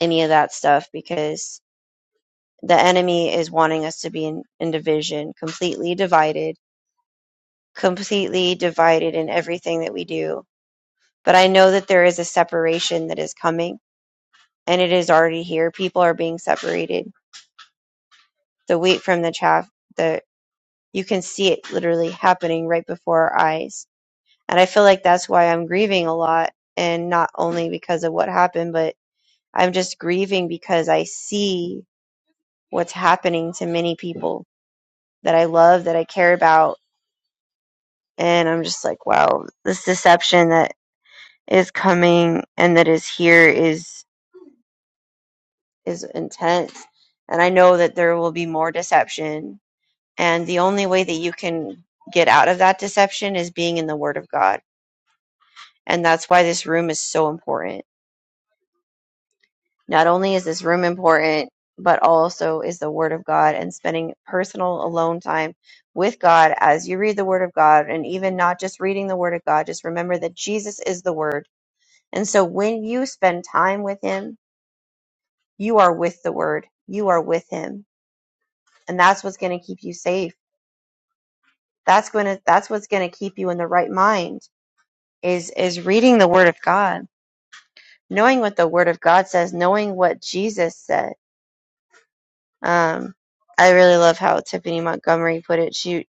any of that stuff because the enemy is wanting us to be in, in division, completely divided, completely divided in everything that we do. But I know that there is a separation that is coming and it is already here. People are being separated. The wheat from the chaff, the you can see it literally happening right before our eyes. And I feel like that's why I'm grieving a lot and not only because of what happened, but I'm just grieving because I see what's happening to many people that I love, that I care about. And I'm just like, wow, this deception that is coming and that is here is is intense. And I know that there will be more deception. And the only way that you can get out of that deception is being in the Word of God. And that's why this room is so important Not only is this room important, but also is the Word of God and spending personal alone time with God as you read the Word of God, and even not just reading the Word of God, just remember that Jesus is the Word. And so when you spend time with Him, you are with the Word, you are with Him. And that's what's going to keep you safe. That's going to, that's what's going to keep you in the right mind is, is reading the Word of God, knowing what the Word of God says, knowing what Jesus said Um, I really love how Tiffany Montgomery put it. She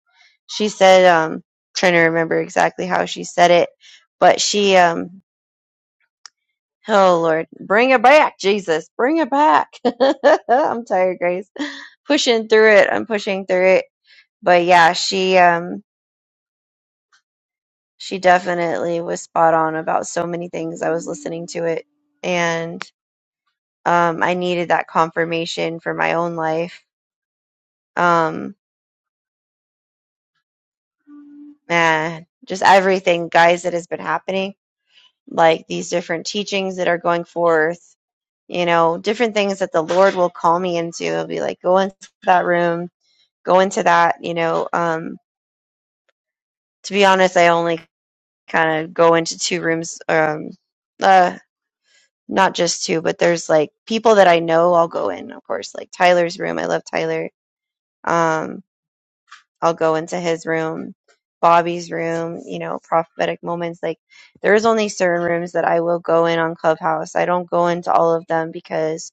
she said, um, trying to remember exactly how she said it, but she, um, oh Lord, bring it back, Jesus, bring it back. I'm tired, Grace. Pushing through it, I'm pushing through it. But yeah, she, um, she definitely was spot on about so many things. I was listening to it, and um, I needed that confirmation for my own life. Um, man, just everything, guys, that has been happening like these different teachings that are going forth, you know, different things that the Lord will call me into. It'll be like, go into that room, go into that, you know. Um, to be honest, I only kind of go into two rooms, um, uh, not just two, but there's like people that I know I'll go in, of course, like Tyler's room. I love Tyler. Um, I'll go into his room, Bobby's room, you know, prophetic moments. Like there's only certain rooms that I will go in on Clubhouse. I don't go into all of them because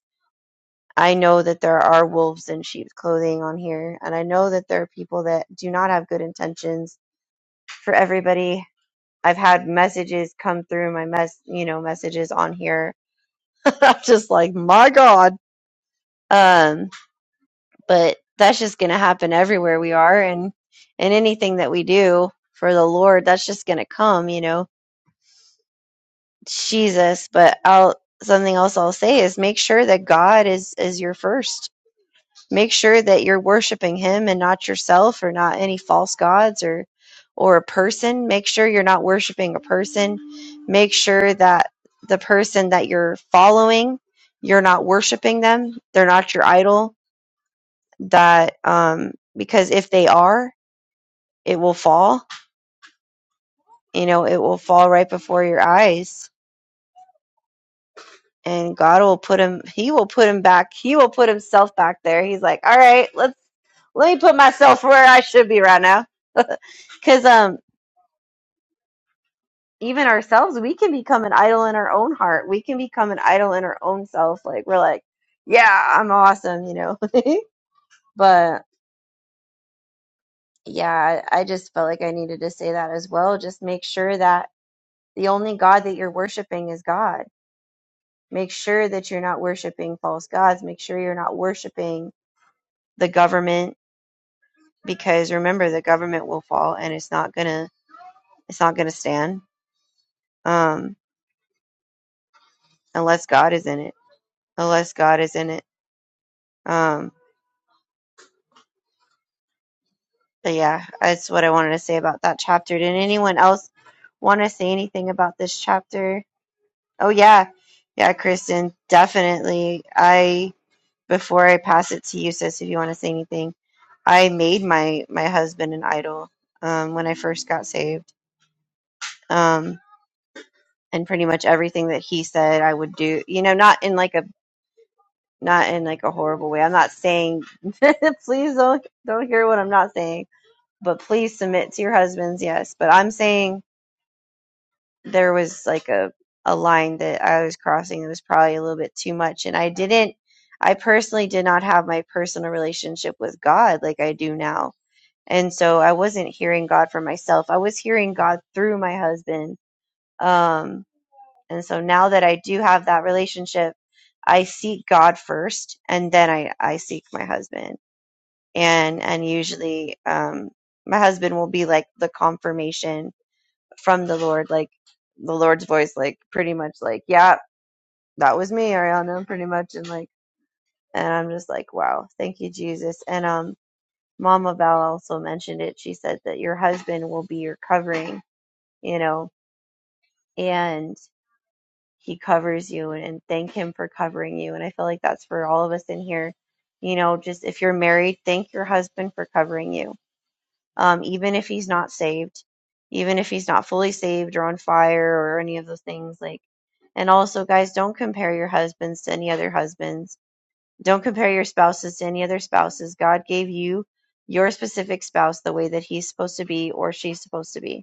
I know that there are wolves in sheep's clothing on here. And I know that there are people that do not have good intentions for everybody. I've had messages come through my mess, you know, messages on here. I'm just like, my God. Um, but that's just going to happen everywhere we are and and anything that we do for the lord that's just going to come you know jesus but i'll something else i'll say is make sure that god is is your first make sure that you're worshiping him and not yourself or not any false gods or or a person make sure you're not worshiping a person make sure that the person that you're following you're not worshiping them they're not your idol that um because if they are it will fall you know it will fall right before your eyes and god will put him he will put him back he will put himself back there he's like all right let's let me put myself where i should be right now because um even ourselves we can become an idol in our own heart we can become an idol in our own self like we're like yeah i'm awesome you know but yeah I, I just felt like i needed to say that as well just make sure that the only god that you're worshiping is god Make sure that you're not worshiping false gods. Make sure you're not worshiping the government because remember the government will fall and it's not gonna it's not gonna stand um, unless God is in it. Unless God is in it. Um, but yeah, that's what I wanted to say about that chapter. Did anyone else want to say anything about this chapter? Oh yeah, yeah, Kristen, definitely. I before I pass it to you, sis, if you want to say anything, I made my my husband an idol um, when I first got saved, um, and pretty much everything that he said I would do. You know, not in like a not in like a horrible way. I'm not saying please don't don't hear what I'm not saying, but please submit to your husbands. Yes, but I'm saying there was like a a line that I was crossing that was probably a little bit too much, and I didn't. I personally did not have my personal relationship with God like I do now and so I wasn't hearing God for myself. I was hearing God through my husband. Um, and so now that I do have that relationship, I seek God first, and then I I seek my husband. And and usually, um, my husband will be like the confirmation from the Lord, like the Lord's voice, like pretty much like, yeah, that was me, Ariana, pretty much, and like, and I'm just like, wow, thank you, Jesus. And um, Mama Val also mentioned it. She said that your husband will be your covering you know, and he covers you and, and thank him for covering you. And I feel like that's for all of us in here. You know, just if you're married, thank your husband for covering you. Um, even if he's not saved, even if he's not fully saved or on fire or any of those things, like and also guys, don't compare your husbands to any other husbands. Don't compare your spouses to any other spouses. God gave you your specific spouse the way that he's supposed to be or she's supposed to be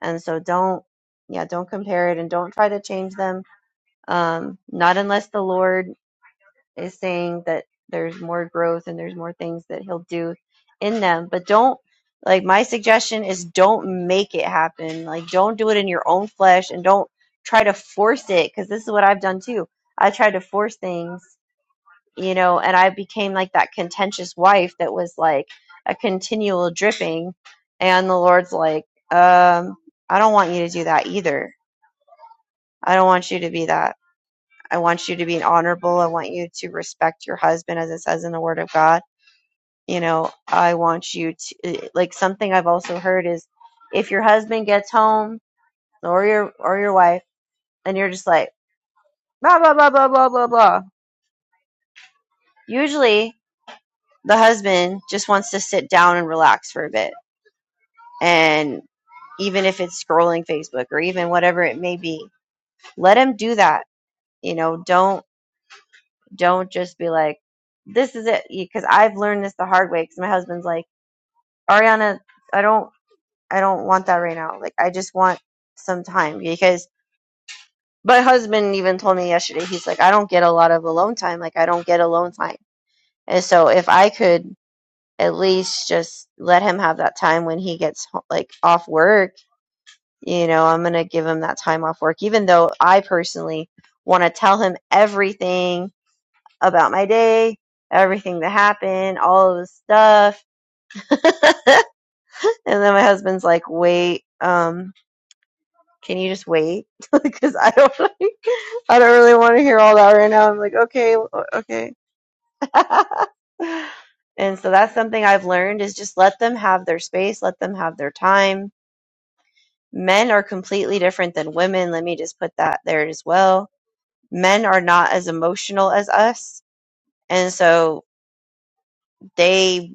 and so don't yeah don't compare it and don't try to change them um not unless the lord is saying that there's more growth and there's more things that he'll do in them but don't like my suggestion is don't make it happen like don't do it in your own flesh and don't try to force it because this is what i've done too i tried to force things you know, and I became like that contentious wife that was like a continual dripping. And the Lord's like, um, I don't want you to do that either. I don't want you to be that. I want you to be honorable. I want you to respect your husband, as it says in the Word of God. You know, I want you to like something I've also heard is if your husband gets home or your or your wife, and you're just like blah blah blah blah blah blah blah. Usually, the husband just wants to sit down and relax for a bit and even if it's scrolling Facebook or even whatever it may be, let them do that. You know, don't don't just be like, this is it, because I've learned this the hard way. Because my husband's like, Ariana, I don't I don't want that right now. Like, I just want some time because my husband even told me yesterday. He's like, I don't get a lot of alone time. Like, I don't get alone time. And so if I could at least just let him have that time when he gets ho- like off work you know, I'm going to give him that time off work, even though I personally want to tell him everything about my day, everything that happened, all of the stuff. and then my husband's like, wait, um, can you just wait? Because I don't, I don't really want to hear all that right now. I'm like, okay, okay. and so that's something I've learned is just let them have their space, let them have their time. Men are completely different than women. Let me just put that there as well men are not as emotional as us and so they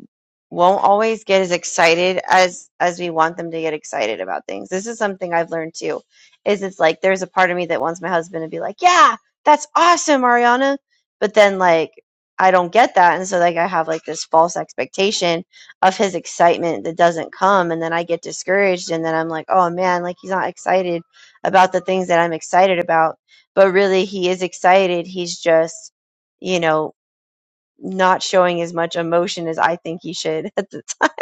won't always get as excited as as we want them to get excited about things. This is something I've learned too. Is it's like there's a part of me that wants my husband to be like, "Yeah, that's awesome, Ariana," but then like I don't get that, and so like I have like this false expectation of his excitement that doesn't come, and then I get discouraged, and then I'm like, "Oh man, like he's not excited about the things that I'm excited about," but really he is excited. He's just you know not showing as much emotion as I think he should at the time.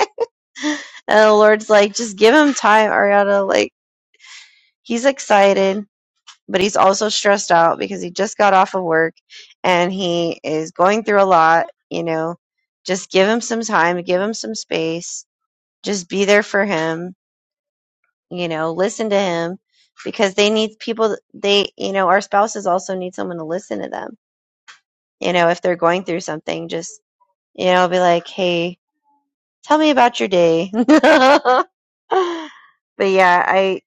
And the Lord's like, just give him time, Ariana. Like, he's excited, but he's also stressed out because he just got off of work and he is going through a lot, you know. Just give him some time, give him some space, just be there for him, you know, listen to him because they need people, they, you know, our spouses also need someone to listen to them. You know, if they're going through something, just, you know, be like, hey, Tell me about your day. but yeah, I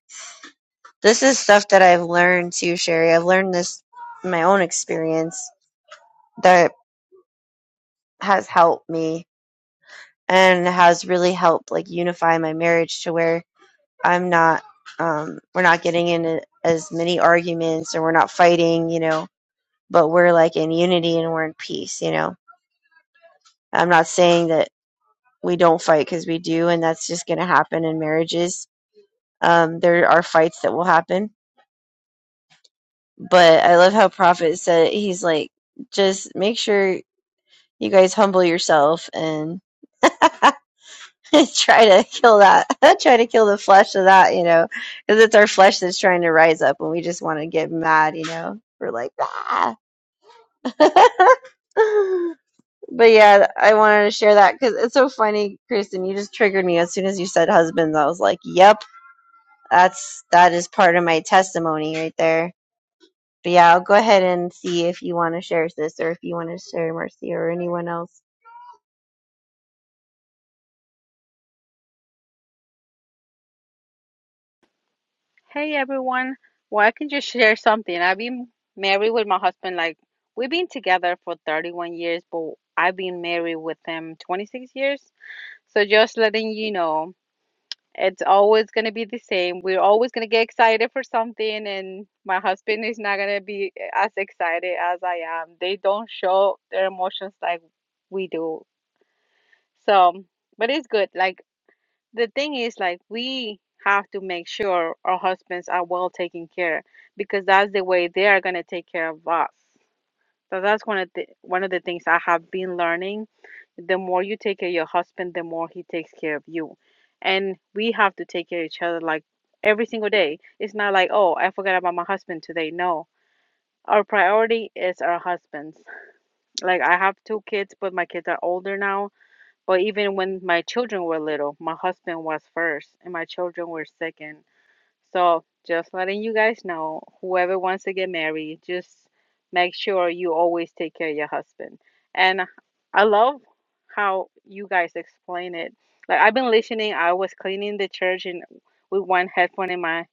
this is stuff that I've learned too, Sherry. I've learned this in my own experience that has helped me and has really helped like unify my marriage to where I'm not um we're not getting in as many arguments or we're not fighting, you know, but we're like in unity and we're in peace, you know. I'm not saying that we don't fight because we do and that's just going to happen in marriages. Um, there are fights that will happen But I love how Prophet said he's like, just make sure you guys humble yourself and try to kill that, try to kill the flesh of that, you know, because it's our flesh that's trying to rise up and we just want to get mad, you know. We're like, ah. but yeah, I wanted to share that because it's so funny, Kristen. You just triggered me as soon as you said husbands. I was like, yep, that's that is part of my testimony right there But yeah, I'll go ahead and see if you want to share this, or if you want to share Marcy, or anyone else. Hey everyone. Well, I can just share something. I've been married with my husband, like, we've been together for 31 years, but I've been married with him 26 years. So just letting you know, it's always going to be the same. We're always going to get excited for something, and my husband is not going to be as excited as I am. They don't show their emotions like we do. So, but it's good. Like, the thing is like we have to make sure our husbands are well taken care because that's the way they are going to take care of us so that's one of the one of the things i have been learning the more you take care of your husband the more he takes care of you and we have to take care of each other like every single day it's not like oh i forgot about my husband today no our priority is our husbands like i have two kids but my kids are older now but even when my children were little, my husband was first and my children were second. So just letting you guys know, whoever wants to get married, just make sure you always take care of your husband. And I love how you guys explain it. Like I've been listening, I was cleaning the church and with one headphone in my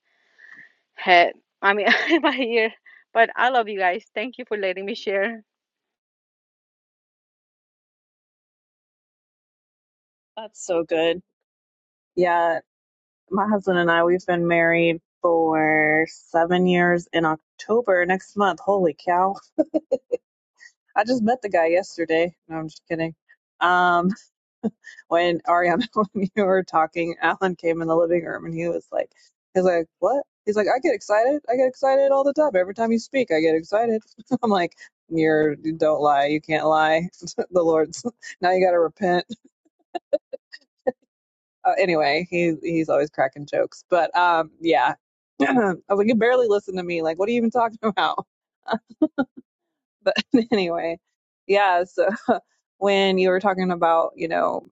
head, I mean in my ear. But I love you guys. Thank you for letting me share. That's so good. Yeah, my husband and I, we've been married for seven years in October next month. Holy cow. I just met the guy yesterday. No, I'm just kidding. Um, when Ariana, when you were talking, Alan came in the living room and he was like, he's like, what? He's like, I get excited. I get excited all the time. Every time you speak, I get excited. I'm like, you're, you are do not lie. You can't lie. the Lord's, now you got to repent. Uh, anyway, he, he's always cracking jokes. But um, yeah, I was like, you barely listen to me. Like, what are you even talking about? But anyway, yeah. So when you were talking about, you know,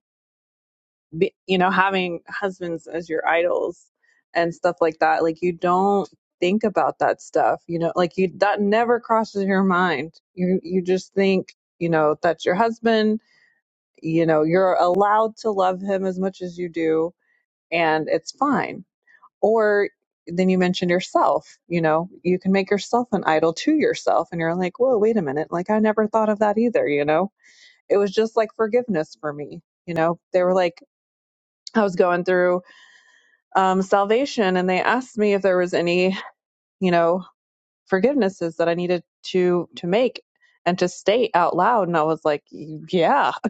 be, you know having husbands as your idols and stuff like that like you don't think about that stuff you know like you that never crosses your mind you you just think you know that's your husband you know you're allowed to love him as much as you do and it's fine or then you mentioned yourself you know you can make yourself an idol to yourself and you're like whoa wait a minute like i never thought of that either you know it was just like forgiveness for me you know they were like i was going through um, salvation, and they asked me if there was any, you know, forgivenesses that I needed to to make and to state out loud, and I was like, yeah.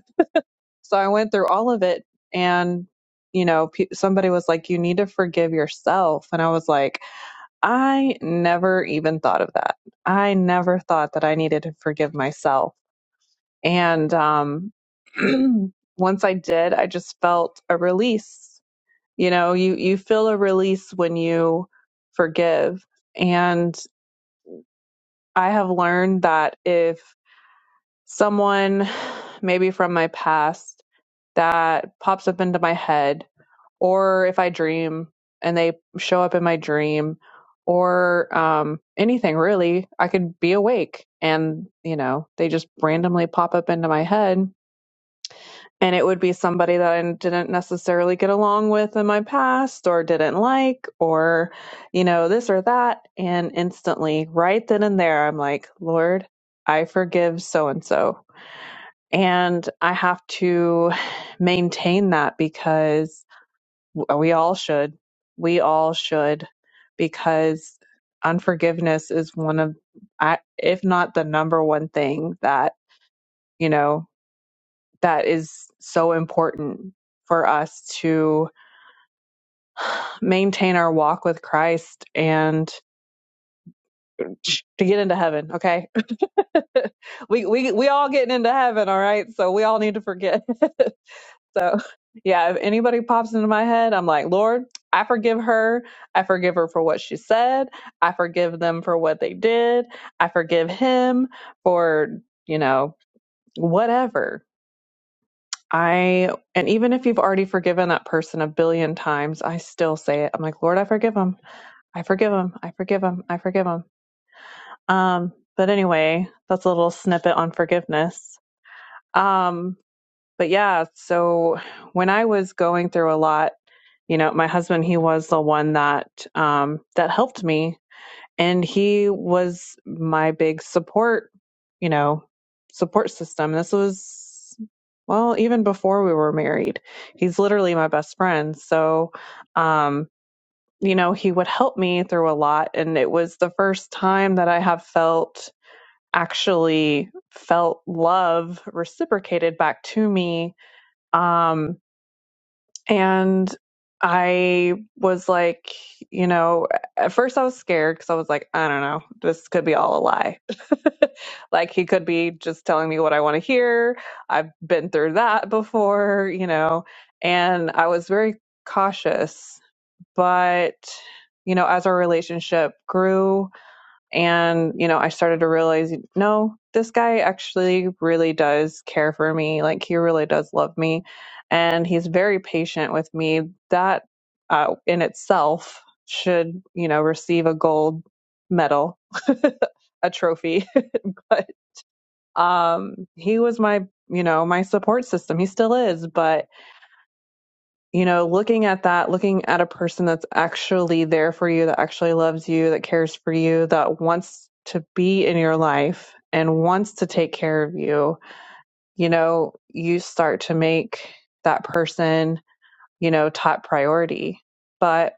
So I went through all of it, and you know, pe- somebody was like, you need to forgive yourself, and I was like, I never even thought of that. I never thought that I needed to forgive myself, and um, once I did, I just felt a release. You know, you feel a release forgive. And I have that if son maybe from my past that pops up head, or if I dream and they show up in my dream, or um, anything really, I could be awake and you know they just randomly pop up into my head and it would be somebody that I didn't necessarily get along with in my past or didn't like or you know this or that and instantly right then and there I'm like lord I forgive so and so and I have to maintain that because we all should we all should because unforgiveness is one of I- if not the number one thing that you know that is so important for us to maintain our walk with Christ and to get into heaven. Okay. we, we, we all getting into heaven. All right. So we all need to forget. so yeah, if anybody pops into my head, I'm like, Lord, I forgive her. I forgive her for what she said. I forgive them for what they did. I forgive him for, you know, whatever I, and even if you've already forgiven that person a billion times, I still say it. I'm like, Lord, I forgive him. I forgive him. I forgive him. I forgive him. Um, but anyway, that's a little snippet on forgiveness. Um, but yeah, so when I was going through a lot, you know, my husband, he was the one that, um, that helped me and he was my big support you know support system this was well even before we were married he's literally my best friend so um you know he would help me through a lot and it was the first time that i have felt actually felt love reciprocated back to me um and I was like, you know, at first I was scared because I was like, I don't know, this could be all a lie. like he could be just telling me what I want to hear. I've been through that before, you know, and I was very cautious. But, you know, as our relationship grew, and you know i started to realize no this guy actually really does care for me like he really does love me and he's very patient with me that uh, in itself should you know receive a gold medal a trophy but um he was my you know my support system he still is but you know, looking at that, looking at a person that's actually there for you, that actually loves you, that cares for you, that wants to be in your life and wants to take care of you, you know, you start to make that person, you know, top priority. But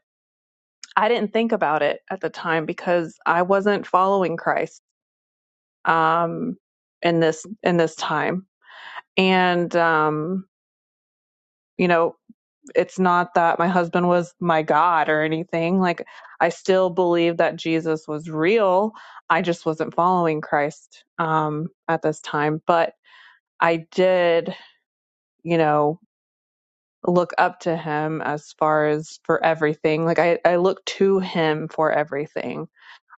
I didn't think about it at the time because I wasn't following Christ um in this in this time. And um, you know, it's not that my husband was my God or anything. Like, I still believe that Jesus was real. I just wasn't following Christ um, at this time. But I did, you know, look up to him as far as for everything. Like, I, I look to him for everything,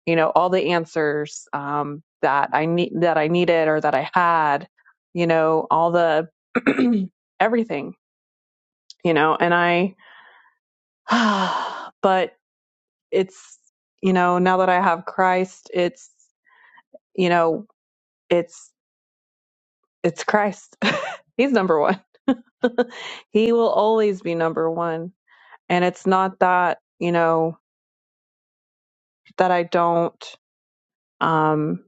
you know, all the answers um, that I need, that I needed or that I had, you know, all the everything, you know, and I, but it's you know now that i have christ it's you know it's it's christ he's number one he will always be number one and it's not that you know that i don't um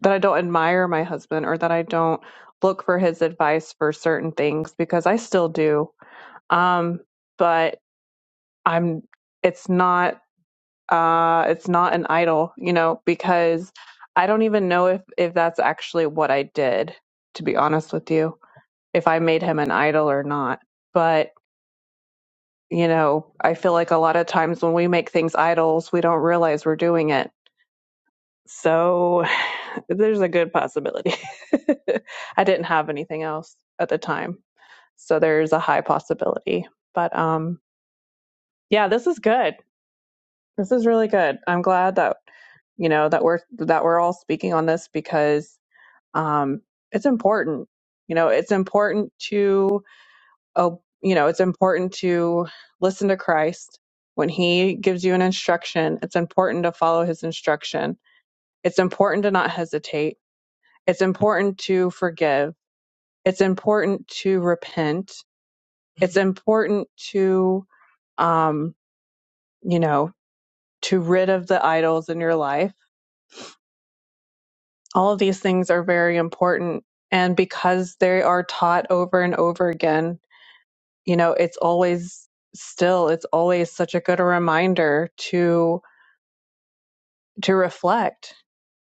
that i don't admire my husband or that i don't look for his advice for certain things because i still do um but i'm it's not uh it's not an idol you know because i don't even know if if that's actually what i did to be honest with you if i made him an idol or not but you know i feel like a lot of times when we make things idols we don't realize we're doing it so there's a good possibility i didn't have anything else at the time so there's a high possibility but um yeah this is good This is really good. I'm glad that you know that we're that we're all speaking on this because um it's important. You know, it's important to oh, you know, it's important to listen to Christ when he gives you an instruction. It's important to follow his instruction. It's important to not hesitate. It's important to forgive. It's important to repent. It's important to um, you know, to rid of the idols in your life all of these things are very important. And because they are taught over and over again, you know, it's always still, it's always such a good reminder to, to reflect,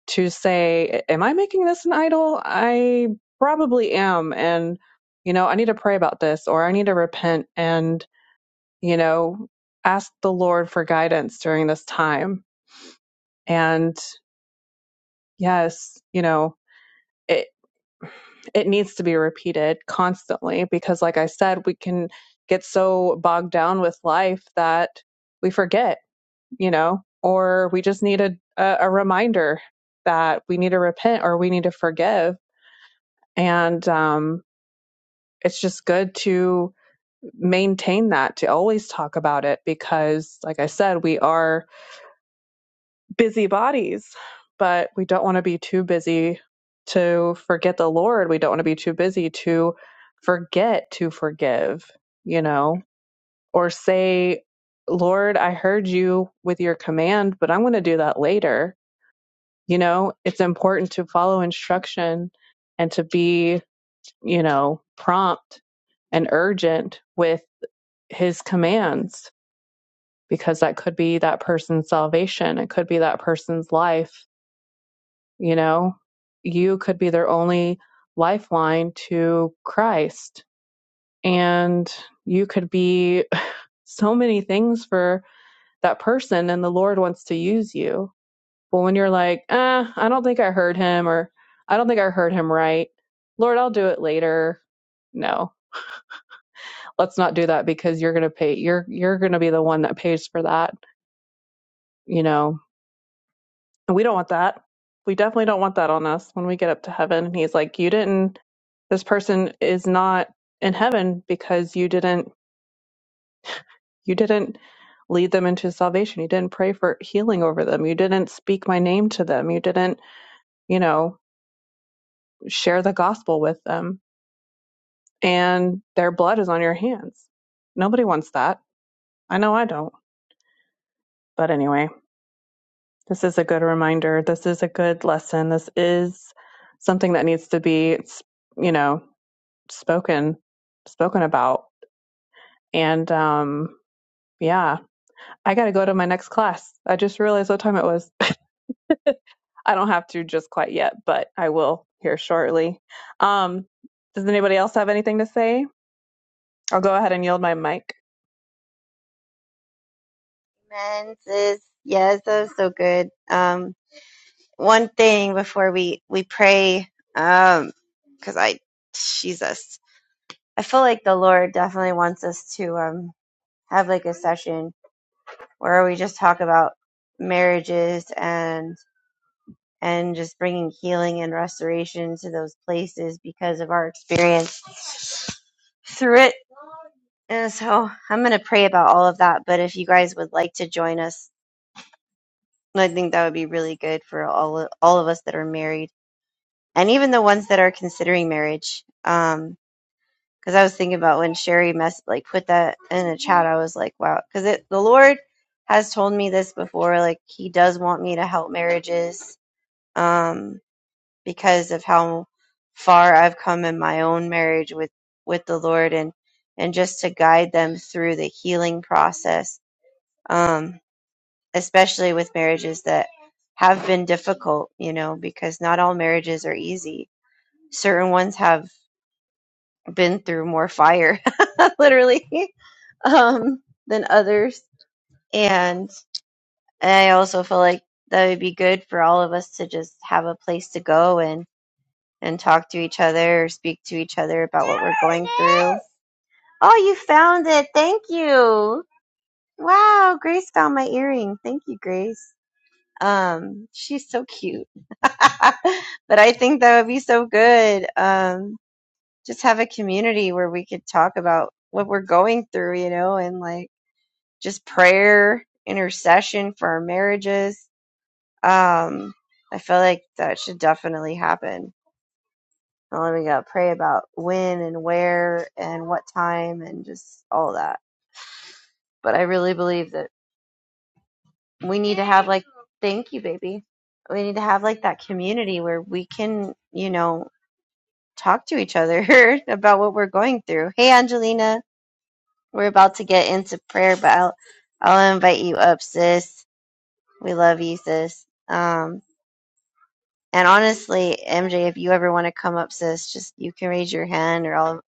to say, am I making this an idol? I probably am. And, you know, I need to pray about this or I need to repent and, you know, ask the Lord for guidance during this time. And yes, you know, it. it needs to be repeated constantly because like i said we can get so bogged down with life that we forget you know or we just need a, a, a reminder that we need to repent or we need to forgive and um, it's just good to maintain that to always talk about it because like i said we are busy bodies, but we don't want to be too busy to forget the Lord. We don't want to be too busy to forget to forgive, you know, or say, Lord, I heard you with your command, but I'm going to do that later. You know, it's important to follow instruction and to be, you know, prompt and urgent with his commands because that could be that person's salvation. It could be that person's life You know, you could be their only lifeline to Christ, and you could be so many things for that person, and the Lord wants to use you. But when you're like, eh, I don't think I heard him, or I don't think I heard him right, Lord, I'll do it later. No, let's not do that because you're gonna pay. You're you're gonna be the one that pays for that. You know, And we don't want that. We definitely don't want that on us when we get up to heaven. And he's like, you didn't, this person is not in heaven because you didn't, you didn't lead them into salvation. You didn't pray for healing over them. You didn't speak my name to them. You didn't, you know, share the gospel with them. And their blood is on your hands. Nobody wants that. I know I don't. But anyway, this is a good reminder. This is a good lesson. This is something that needs to be, you know, spoken spoken about. And um, yeah, I got to go to my next class. I just realized what time it was. I don't have to just quite yet, but I will here shortly. Um, does anybody else have anything to say? I'll go ahead and yield my mic. Amen, sis. Yes, that was so good. Um, one thing before we we pray, um, because I, Jesus, I feel like the Lord definitely wants us to um have like a session where we just talk about marriages and and just bringing healing and restoration to those places because of our experience through it And so I'm going to pray about all of that. But if you guys would like to join us, I think that would be really good for all of, all of us that are married and even the ones that are considering marriage. Um, cause I was thinking about when Sherry mess like put that in a chat, I was like, wow, cause it, the Lord has told me this before. Like he does want me to help marriages, um, because of how far I've come in my own marriage with, with the Lord and, and just to guide them through the healing process um, especially with marriages that have been difficult, you know, because not all marriages are easy. Certain ones have been through more fire, literally, um, than others. And, and I also feel like that would be good for all of us to just have a place to go and, and talk to each other or speak to each other about what we're going through. Oh, you found it. Thank you. Wow, Grace found my earring. Thank you, Grace. Um, she's so cute. but I think that would be so good. Um, just have a community where we could talk about what we're going through, you know, and like just prayer, intercession for our marriages. Um, I feel like that should definitely happen. And then we gotta pray about when and where and what time and just all that. But I really believe that we need to have like, thank you, baby. We need to have like that community where we can, you know, talk to each other about what we're going through. Hey, Angelina, we're about to get into prayer, but I'll, I'll invite you up, sis. We love you, sis. Um, and honestly, MJ, if you ever want to come up, sis, just you can raise your hand, or I'll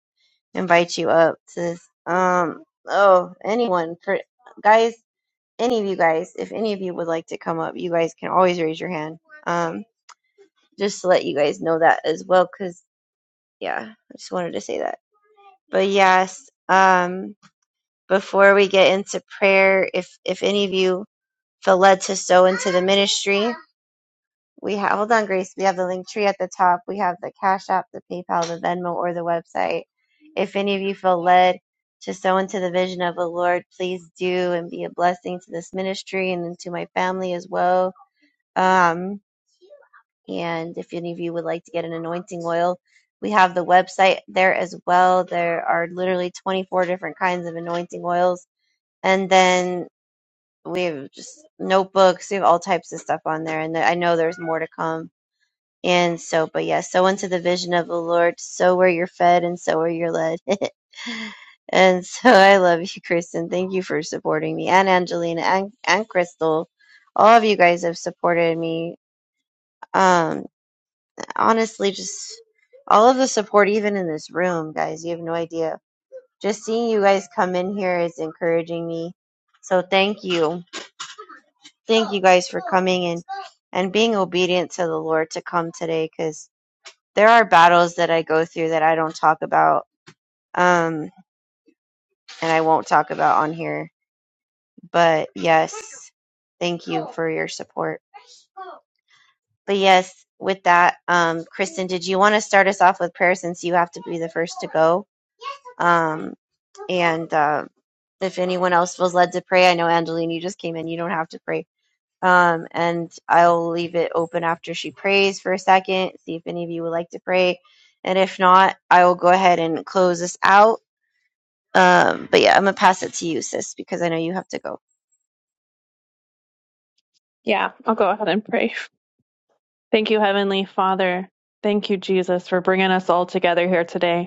invite you up, sis. Um, oh, anyone, for guys, any of you guys, if any of you would like to come up, you guys can always raise your hand. Um, just to let you guys know that as well, because yeah, I just wanted to say that. But yes, um, before we get into prayer, if if any of you feel led to sow into the ministry, we have hold on, Grace. We have the link tree at the top. We have the Cash App, the PayPal, the Venmo, or the website. If any of you feel led to sow into the vision of the Lord, please do and be a blessing to this ministry and to my family as well. Um, and if any of you would like to get an anointing oil, we have the website there as well. There are literally 24 different kinds of anointing oils. And then we have just notebooks we have all types of stuff on there and i know there's more to come and so but yeah so into the vision of the lord so where you're fed and so where you're led and so i love you kristen thank you for supporting me and angelina and, and crystal all of you guys have supported me um honestly just all of the support even in this room guys you have no idea just seeing you guys come in here is encouraging me so thank you thank you guys for coming and and being obedient to the Lord to come today because there are battles that I go through that I don't talk about um and I won't talk about on here. But yes, thank you for your support. But yes, with that, um Kristen, did you want to start us off with prayer since you have to be the first to go? Um and uh, if anyone else feels led to pray, I know Angeline, you just came in. You don't have to pray Um, and I'll leave it open after she prays for a second, see if any of you would like to pray. And if not, I will go ahead and close this out. Um, but yeah, I'm going to pass it to you, sis, because I know you have to go. I'll go ahead and pray. Thank you, Heavenly Father. Thank you, Jesus, for bringing us all together here today.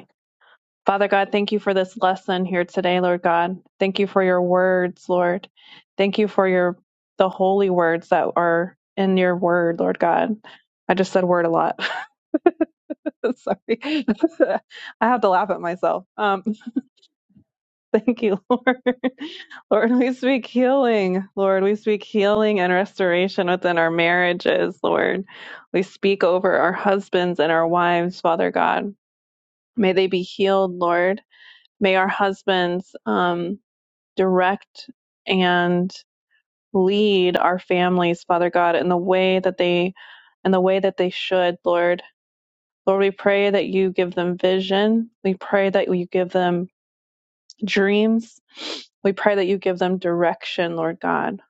Father God, thank you for this lesson here today, Lord God. Thank you for your words, Lord. Thank you for your the holy words that are in your word, Lord God. I just said word a lot. Sorry. I have to laugh at myself. Um, thank you, Lord. Lord, we speak healing. Lord, we speak healing and restoration within our marriages, Lord. We speak over our husbands and our wives, Father God. May they be healed, Lord. May our husbands, um, direct and lead our families, Father God, in the way that they in the way that they should, Lord. Lord, we pray that you give them vision. We pray that you give them dreams. We pray that you give them direction, Lord God.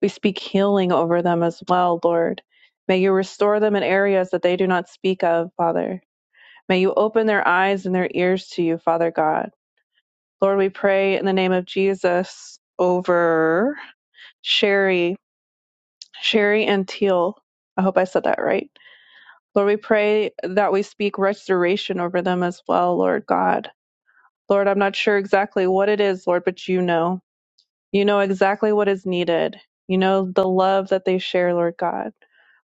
We speak healing over them as well, Lord. May you restore them in areas that they do not speak of, Father. May you open their eyes and their ears to you, Father God. Lord, we pray in the name of Jesus over Sherry Sherry and Teal. I hope I said that right. Lord, we pray that we speak restoration over them as well, Lord God. Lord, I'm not sure exactly what it is, Lord, but you know. You know exactly what is needed. You know the love that they share, Lord God.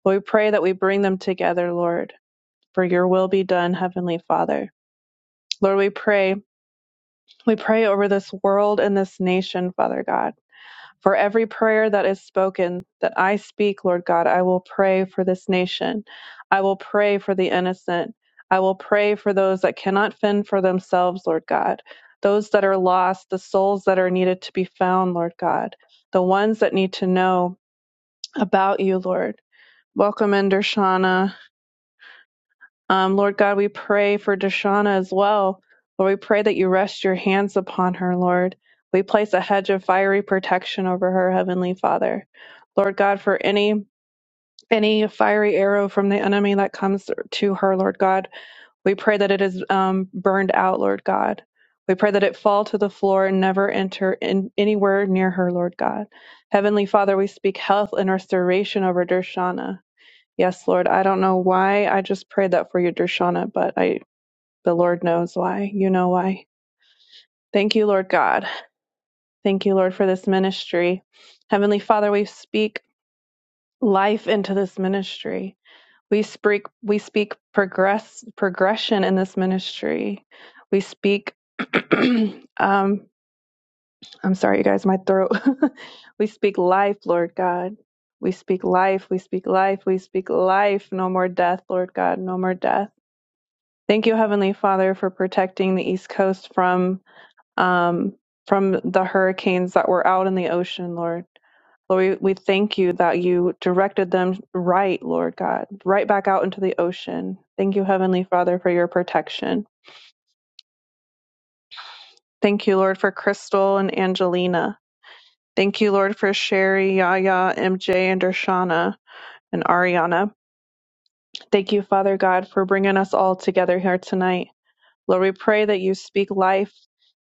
Lord, we pray that we bring them together, Lord, for your will be done, Heavenly Father. Lord, we pray. We pray over this world and this nation, Father God. For every prayer that is spoken, that I speak, Lord God, I will pray for this nation. I will pray for the innocent. I will pray for those that cannot fend for themselves, Lord God. Those that are lost, the souls that are needed to be found, Lord God. The ones that need to know about you, Lord. Welcome in, Dershana. Um, Lord God, we pray for Deshauna as well. Lord, we pray that you rest your hands upon her, Lord. We place a hedge of fiery protection over her, Heavenly Father. Lord God, for any any fiery arrow from the enemy that comes to her, Lord God, we pray that it is um, burned out, Lord God. We pray that it fall to the floor and never enter in anywhere near her, Lord God. Heavenly Father, we speak health and restoration over Dershana. Yes, Lord, I don't know why I just prayed that for you, Dershana, but I the Lord knows why. You know why. Thank you, Lord God. Thank you, Lord, for this ministry. Heavenly Father, we speak life into this ministry. We speak we speak progress progression in this ministry. We speak um I'm sorry you guys, my throat. we speak life, Lord God. We speak life, we speak life, we speak life. No more death, Lord God, no more death. Thank you, Heavenly Father, for protecting the East Coast from um, from the hurricanes that were out in the ocean, Lord. Lord, we, we thank you that you directed them right, Lord God, right back out into the ocean. Thank you, Heavenly Father, for your protection. Thank you, Lord, for Crystal and Angelina. Thank you, Lord, for Sherry, Yaya, MJ, and Dershana and Ariana. Thank you, Father God, for bringing us all together here tonight. Lord, we pray that you speak life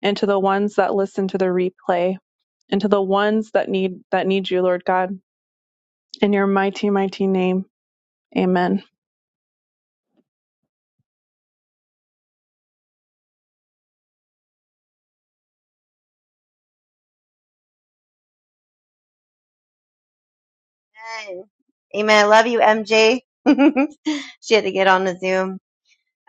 into the ones that listen to the replay, into the ones that need that need you, Lord God. In your mighty, mighty name. Amen. Amen. Amen. I love you, MJ. she had to get on the Zoom.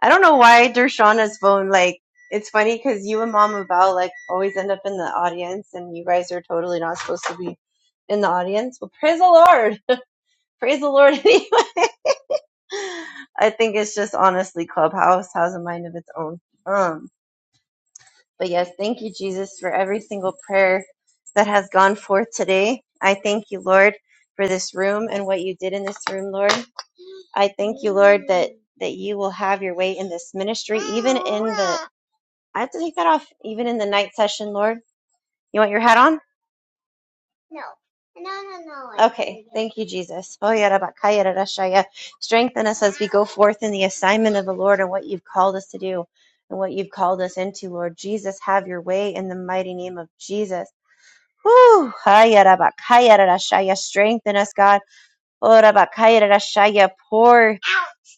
I don't know why Dershana's phone, like, it's funny because you and Mama Val, like, always end up in the audience, and you guys are totally not supposed to be in the audience. Well, praise the Lord. Praise the Lord anyway. I think it's just honestly Clubhouse has a mind of its own. Um, but yes, thank you, Jesus, for every single prayer that has gone forth today. I thank you, Lord, for this room and what you did in this room, Lord. I thank you, Lord, that that you will have your way in this ministry, even in the. I have to take that off, even in the night session, Lord. You want your hat on? No, no, no. Okay, thank you, Jesus. Oh, yeah, Rabba, Kaya, Strengthen us as we go forth in the assignment of the Lord and what you've called us to do and what you've called us into, Lord Jesus. Have your way in the mighty name of Jesus. Whew. Kaya, Rabba, Kaya, Rara, Strengthen us, God. Oh, Rabba, Kaya, Rara, Pour.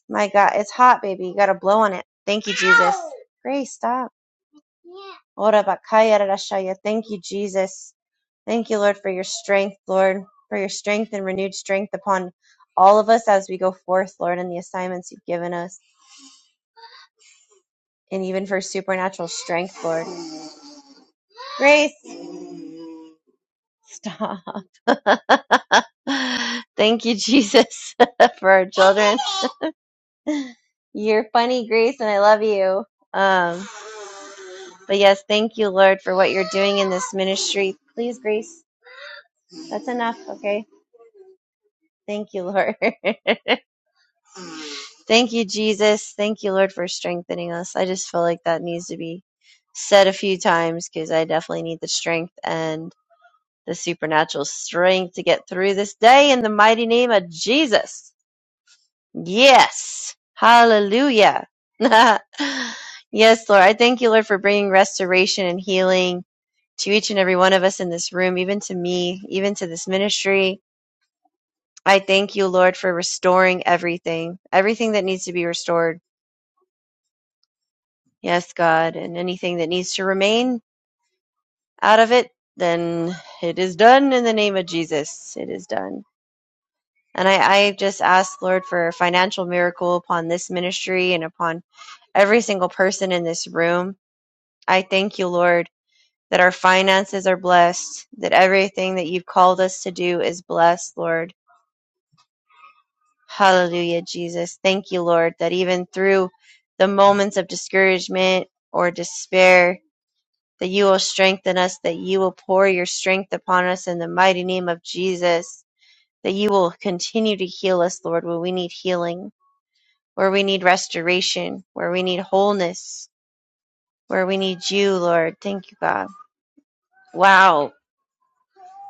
My God, it's hot, baby. You got to blow on it. Thank you, Jesus. Grace, stop. Oh, Rabba, Kaya, Thank you, Jesus. Thank you, Lord, for your strength, Lord, for your strength and renewed strength upon all of us as we go forth, Lord, in the assignments you've given us, and even for supernatural strength, Lord. Grace, stop. Thank you, Jesus, for our children. You're funny, Grace, and I love you. Um, but yes, thank you, Lord, for what you're doing in this ministry. Please, Grace, that's enough, okay? Thank you, Lord. Thank you, Jesus. Thank you, Lord, for strengthening us. I just feel like that needs to be said a few times because I definitely need the strength and the supernatural strength to get through this day in the mighty name of Jesus. Yes. Hallelujah. yes, Lord. I thank you, Lord, for bringing restoration and healing to each and every one of us in this room, even to me, even to this ministry. I thank you, Lord, for restoring everything, everything that needs to be restored. Yes, God, and anything that needs to remain out of it, then it is done in the name of Jesus. It is done. And I, I just ask, Lord, for a financial miracle upon this ministry and upon every single person in this room. I thank you, Lord, that our finances are blessed, that everything that you've called us to do is blessed, Lord. Hallelujah, Jesus. Thank you, Lord, that even through the moments of discouragement or despair, that you will strengthen us, that you will pour your strength upon us in the mighty name of Jesus, that you will continue to heal us, Lord, where we need healing, where we need restoration, where we need wholeness, where we need you, Lord. Thank you, God. Wow.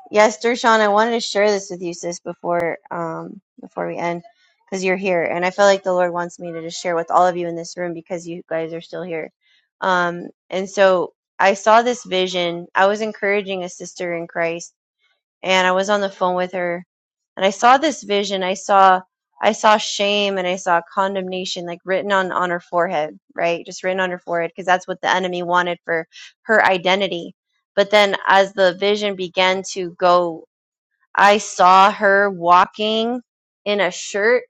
Yes, Dershawn, I wanted to share this with you, sis, before um before we end, because you're here, and I feel like the Lord wants me to just share with all of you in this room because you guys are still here. Um, and so I saw this vision. I was encouraging a sister in Christ and I was on the phone with her and I saw this vision. I saw I saw shame and I saw condemnation like written on on her forehead, right? Just written on her forehead because that's what the enemy wanted for her identity. But then as the vision began to go, I saw her walking in a shirt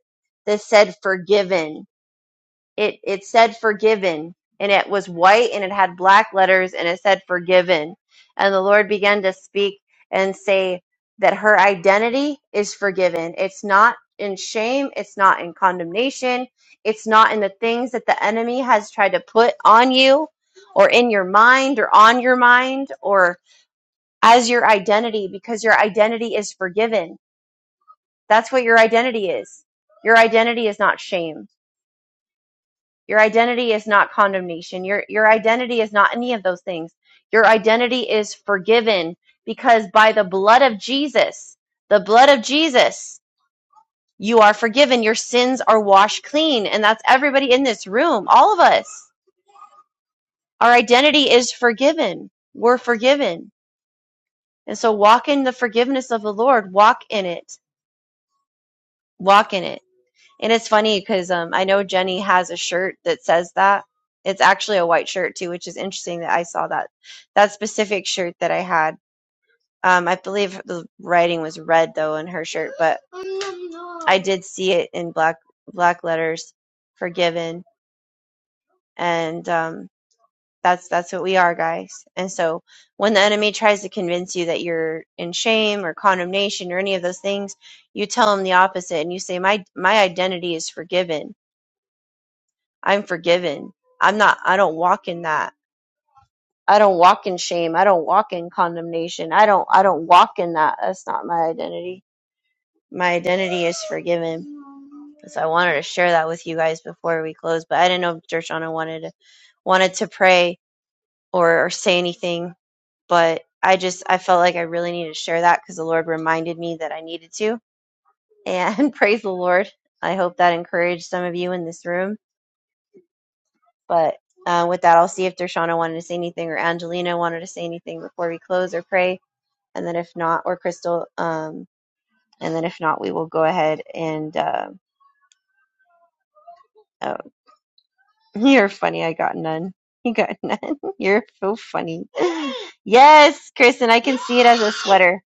that said forgiven it it said forgiven and it was white and it had black letters and it said forgiven. And the Lord began to speak and say that her identity is forgiven. It's not in shame, it's not in condemnation, it's not in the things that the enemy has tried to put on you or in your mind or on your mind or as your identity because your identity is forgiven. That's what your identity is. Your identity is not shame your identity is not condemnation. Your your identity is not any of those things. Your identity is forgiven because by the blood of Jesus, the blood of Jesus, you are forgiven. Your sins are washed clean, and that's everybody in this room, all of us. Our identity is forgiven. We're forgiven. And so walk in the forgiveness of the Lord. Walk in it. Walk in it And it's funny because um, I know Jenny has a shirt that says that. It's actually a white shirt too, which is interesting that I saw that that specific shirt that I had. Um, I believe the writing was red though in her shirt, but I did see it in black black letters, forgiven, and um, that's that's what we are, guys. And so when the enemy tries to convince you that you're in shame or condemnation or any of those things, you tell him the opposite, and you say, "My my identity is forgiven." I'm forgiven. I'm not I don't walk in that. I don't walk in shame. I don't walk in condemnation. I don't I don't walk in that. That's not my identity. My identity is forgiven. So I wanted to share that with you guys before we close, but I didn't know if Dershana wanted to wanted to pray or, or say anything, but I just I felt like I really needed to share that because the Lord reminded me that I needed to. And praise the Lord. I hope that encouraged some of you in this room But uh, with that, I'll see if Dershana wanted to say anything or Angelina wanted to say anything before we close or pray. And then if not, or Crystal, um, and then if not, we will go ahead and. Uh, oh, you're funny. I got none. You got none. You're so funny. Yes, Kristen, I can see it as a sweater.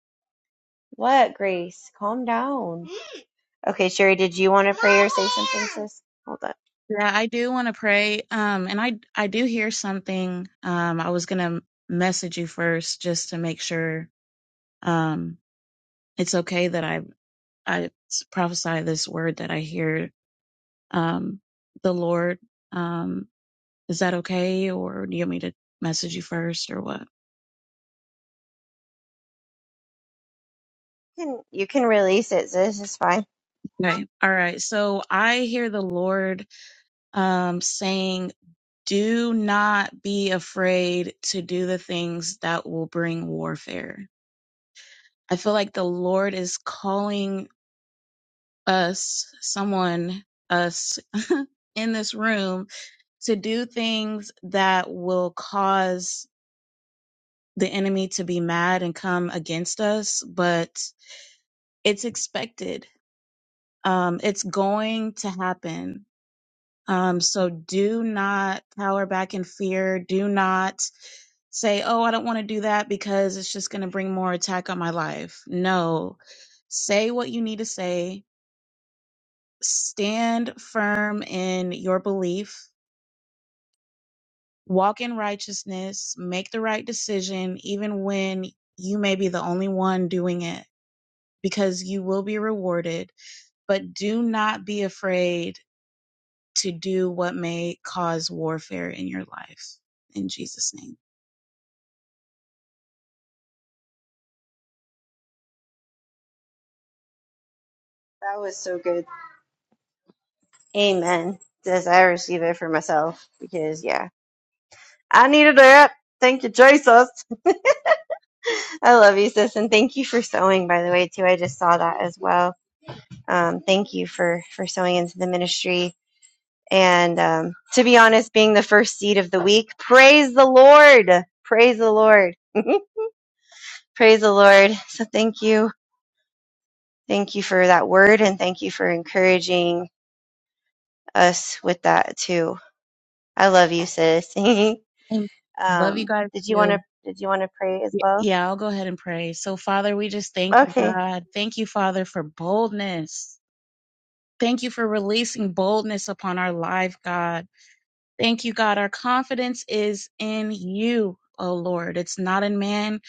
What, Grace? Calm down. Okay, Sherry, did you want to pray or say something, sis? Hold up. Yeah, I do want to pray. Um, and I I do hear something. Um, I was gonna message you first just to make sure um it's okay that I I s- prophesy this word that I hear um the Lord. Um, is that okay, or do you want me to message you first, or what? You can, you can release it, sis. It's fine. Okay, all right. So I hear the Lord um saying, "Do not be afraid to do the things that will bring warfare." I feel like the Lord is calling us, someone, us in this room to do things that will cause the enemy to be mad and come against us, but it's expected. Um, it's going to happen. Um, so do not cower back in fear. Do not say, oh, I don't want to do that because it's just going to bring more attack on my life. No, say what you need to say stand firm in your belief, walk in righteousness, make the right decision, even when you may be the only one doing it, because you will be rewarded. But do not be afraid to do what may cause warfare in your life. In Jesus' name. That was so good. Amen. Yes, I receive it for myself because yeah, I needed that. Thank you, Jesus. I love you, sis, and thank you for sewing. By the way, too, I just saw that as well. Um, thank you for for sewing into the ministry. And um, to be honest, being the first seed of the week, praise the Lord. Praise the Lord. praise the Lord. So thank you, thank you for that word, and thank you for encouraging us with that too. I love you, sis. And love you Um, guys did you want too. to did you want to pray as Y- well? Yeah, I'll go ahead and pray. So, Father, we just thank you, Okay. God. Thank you, Father, for boldness. Thank you for releasing boldness upon our life, God. Thank you, God. Our confidence is in you, oh Lord. It's not in man.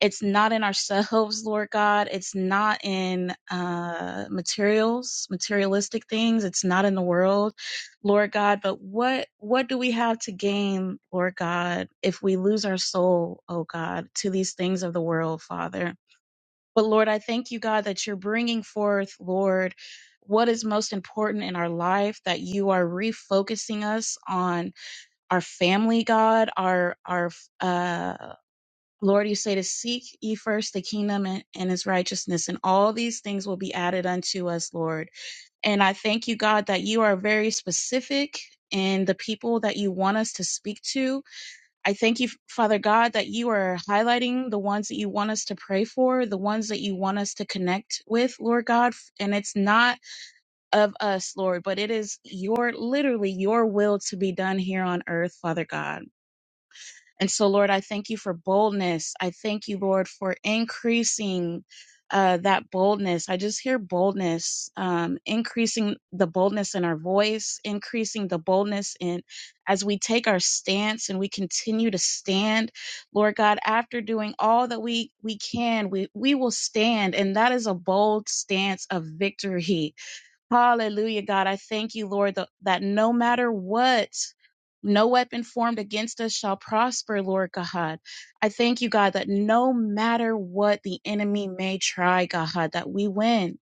It's not in ourselves, Lord God. It's not in uh, materials, materialistic things. It's not in the world, Lord God. But what what do we have to gain, Lord God, if we lose our soul, oh God, to these things of the world, Father? But Lord, I thank you, God, that you're bringing forth, Lord, what is most important in our life, that you are refocusing us on our family god our our uh lord you say to seek ye first the kingdom and, and his righteousness and all these things will be added unto us lord and i thank you god that you are very specific in the people that you want us to speak to i thank you father god that you are highlighting the ones that you want us to pray for the ones that you want us to connect with lord god and it's not of us lord but it is your literally your will to be done here on earth father god and so, Lord, I thank you for boldness. I thank you, Lord, for increasing uh, that boldness. I just hear boldness, um, increasing the boldness in our voice, increasing the boldness in as we take our stance and we continue to stand. Lord God, after doing all that we we can, we we will stand, and that is a bold stance of victory. Hallelujah, God. I thank you, Lord, tha- that no matter what, no weapon formed against us shall prosper, Lord God. I thank you, God, that no matter what the enemy may try, God, that we win,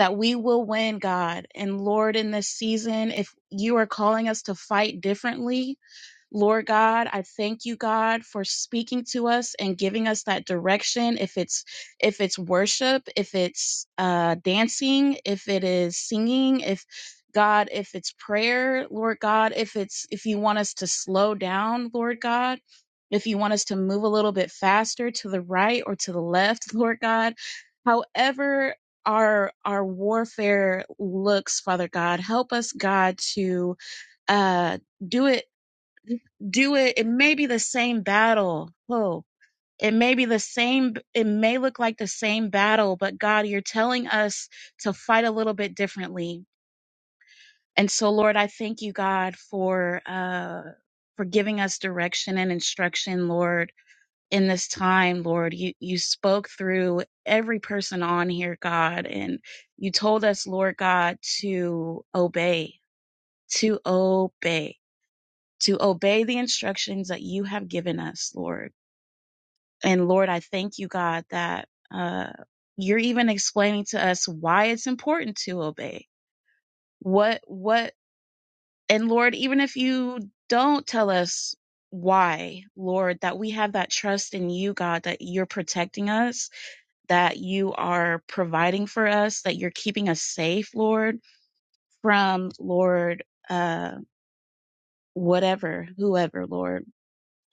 that we will win, God. And Lord, in this season, if you are calling us to fight differently, Lord God, I thank you, God, for speaking to us and giving us that direction. If it's if it's worship, if it's uh, dancing, if it is singing, if God, if it's prayer, Lord God, if it's if you want us to slow down, Lord God, if you want us to move a little bit faster to the right or to the left, Lord God, however our our warfare looks father god help us god to uh do it do it it may be the same battle oh it may be the same it may look like the same battle but god you're telling us to fight a little bit differently and so lord i thank you god for uh for giving us direction and instruction lord in this time lord you you spoke through every person on here god and you told us lord god to obey to obey to obey the instructions that you have given us lord And Lord, I thank you, God, that uh, you're even explaining to us why it's important to obey. What, what, and Lord, even if you don't tell us why, Lord, that we have that trust in you, God, that you're protecting us, that you are providing for us, that you're keeping us safe, Lord, from, Lord, uh, whatever, whoever, Lord.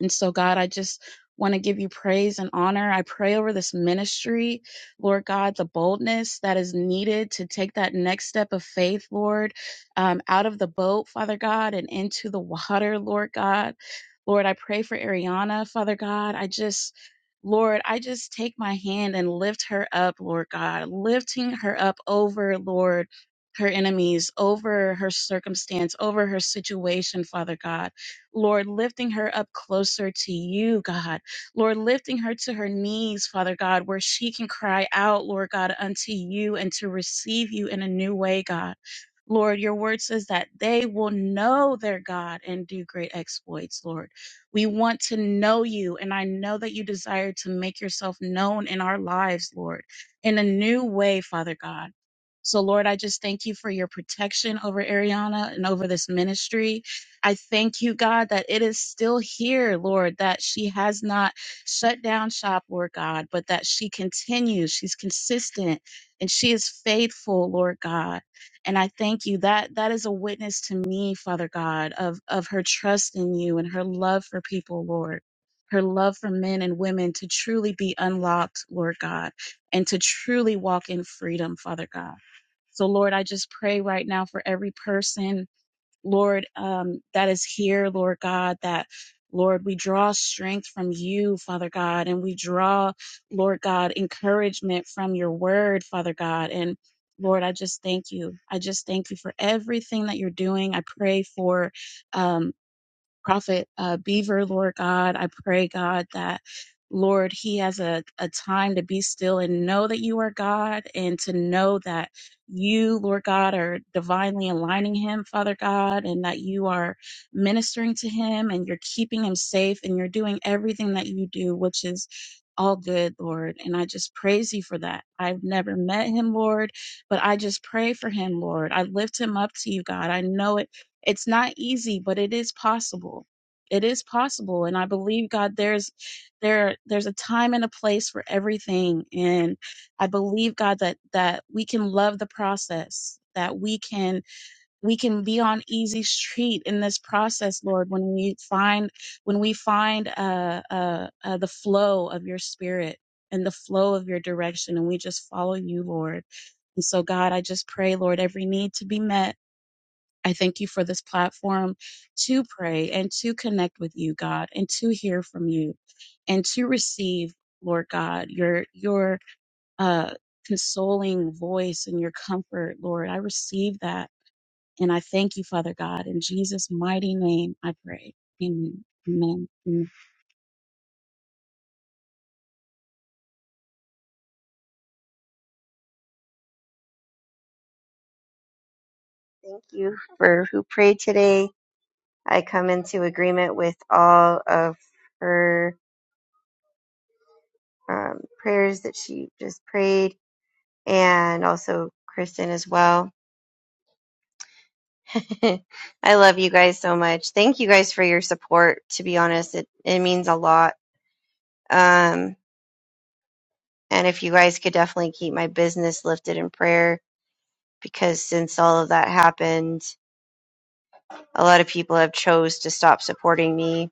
And so, God, I just want to give you praise and honor. I pray over this ministry, Lord God, the boldness that is needed to take that next step of faith, Lord, um, out of the boat, Father God, and into the water, Lord God. Lord, I pray for Ariana, Father God. I just. Lord, I just take my hand and lift her up, Lord God, lifting her up over, Lord, her enemies, over her circumstance, over her situation, Father God. Lord, lifting her up closer to you, God. Lord, lifting her to her knees, Father God, where she can cry out, Lord God, unto you and to receive you in a new way, God. Lord, your word says that they will know their God and do great exploits, Lord. We want to know you, and I know that you desire to make yourself known in our lives, Lord, in a new way, Father God. So, Lord, I just thank you for your protection over Ariana and over this ministry. I thank you, God, that it is still here, Lord, that she has not shut down shop, Lord God, but that she continues. She's consistent and she is faithful, Lord God. And I thank you that that is a witness to me, Father God, of, of her trust in you and her love for people, Lord. Her love for men and women to truly be unlocked, Lord God, and to truly walk in freedom, Father God. So, Lord, I just pray right now for every person Lord, um, that is here, Lord God, that Lord, we draw strength from you, Father God, and we draw, Lord God, encouragement from your word, Father God. And Lord, I just thank you. I just thank you for everything that you're doing. I pray for um, Prophet uh, Beaver, Lord God. I pray, God, that Lord, he has a, a time to be still and know that you are God and to know that you, Lord God, are divinely aligning him, Father God, and that you are ministering to him and you're keeping him safe and you're doing everything that you do, which is all good, Lord. And I just praise you for that. I've never met him, Lord, but I just pray for him, Lord. I lift him up to you, God. I know it it's not easy, but it is possible. It is possible, and I believe God. There's there there's a time and a place for everything, and I believe God that that we can love the process. That we can we can be on easy street in this process, Lord. When we find when we find uh, uh, uh, the flow of your Spirit and the flow of your direction, and we just follow you, Lord. And so, God, I just pray, Lord, every need to be met I thank you for this platform to pray and to connect with you, God, and to hear from you and to receive, Lord God, your your uh consoling voice and your comfort, Lord. I receive that and I thank you, Father God. In Jesus' mighty name I pray. Amen. Amen. Amen. Thank you for who prayed today. I come into agreement with all of her um, prayers that she just prayed and also Kristen as well. I love you guys so much. Thank you guys for your support. To be honest, it, it means a lot. Um, and if you guys could definitely keep my business lifted in prayer because since all of that happened, a lot of people have chose to stop supporting me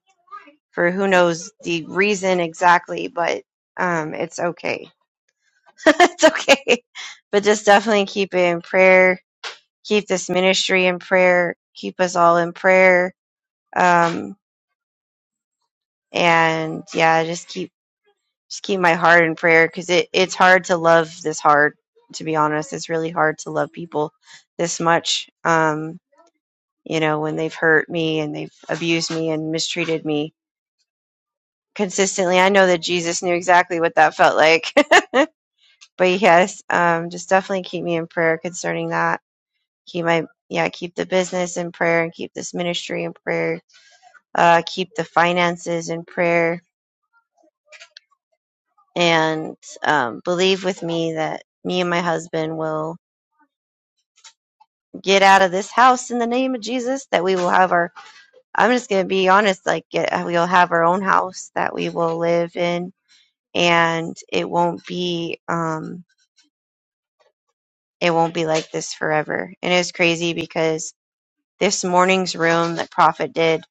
for who knows the reason exactly, but um, it's okay. it's okay. But just definitely keep it in prayer. Keep this ministry in prayer. Keep us all in prayer. Um, and yeah, just keep just keep my heart in prayer because it, it's hard to love this hard. To be honest, it's really hard to love people this much. Um, you know, when they've hurt me and they've abused me and mistreated me consistently. I know that Jesus knew exactly what that felt like. but yes, um, just definitely keep me in prayer concerning that. Keep my yeah, keep the business in prayer and keep this ministry in prayer. Uh, keep the finances in prayer and um, believe with me that me and my husband will get out of this house in the name of Jesus. That we will have our. I'm just gonna be honest, like get, we'll have our own house that we will live in, and it won't be um, it won't be like this forever. And it's crazy because This morning's room that Prophet did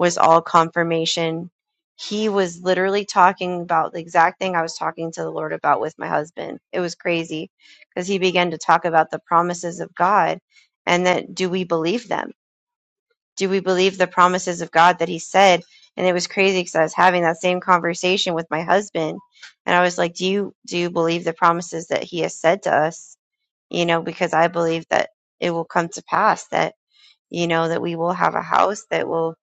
was all confirmation. He was literally talking about the exact thing I was talking to the Lord about with my husband. It was crazy because he began to talk about the promises of God and that do we believe them? Do we believe the promises of God that he said? And it was crazy because I was having that same conversation with my husband and I was like, "Do you do you believe the promises that he has said to us?" You know, because I believe that it will come to pass that you know that we will have a house that will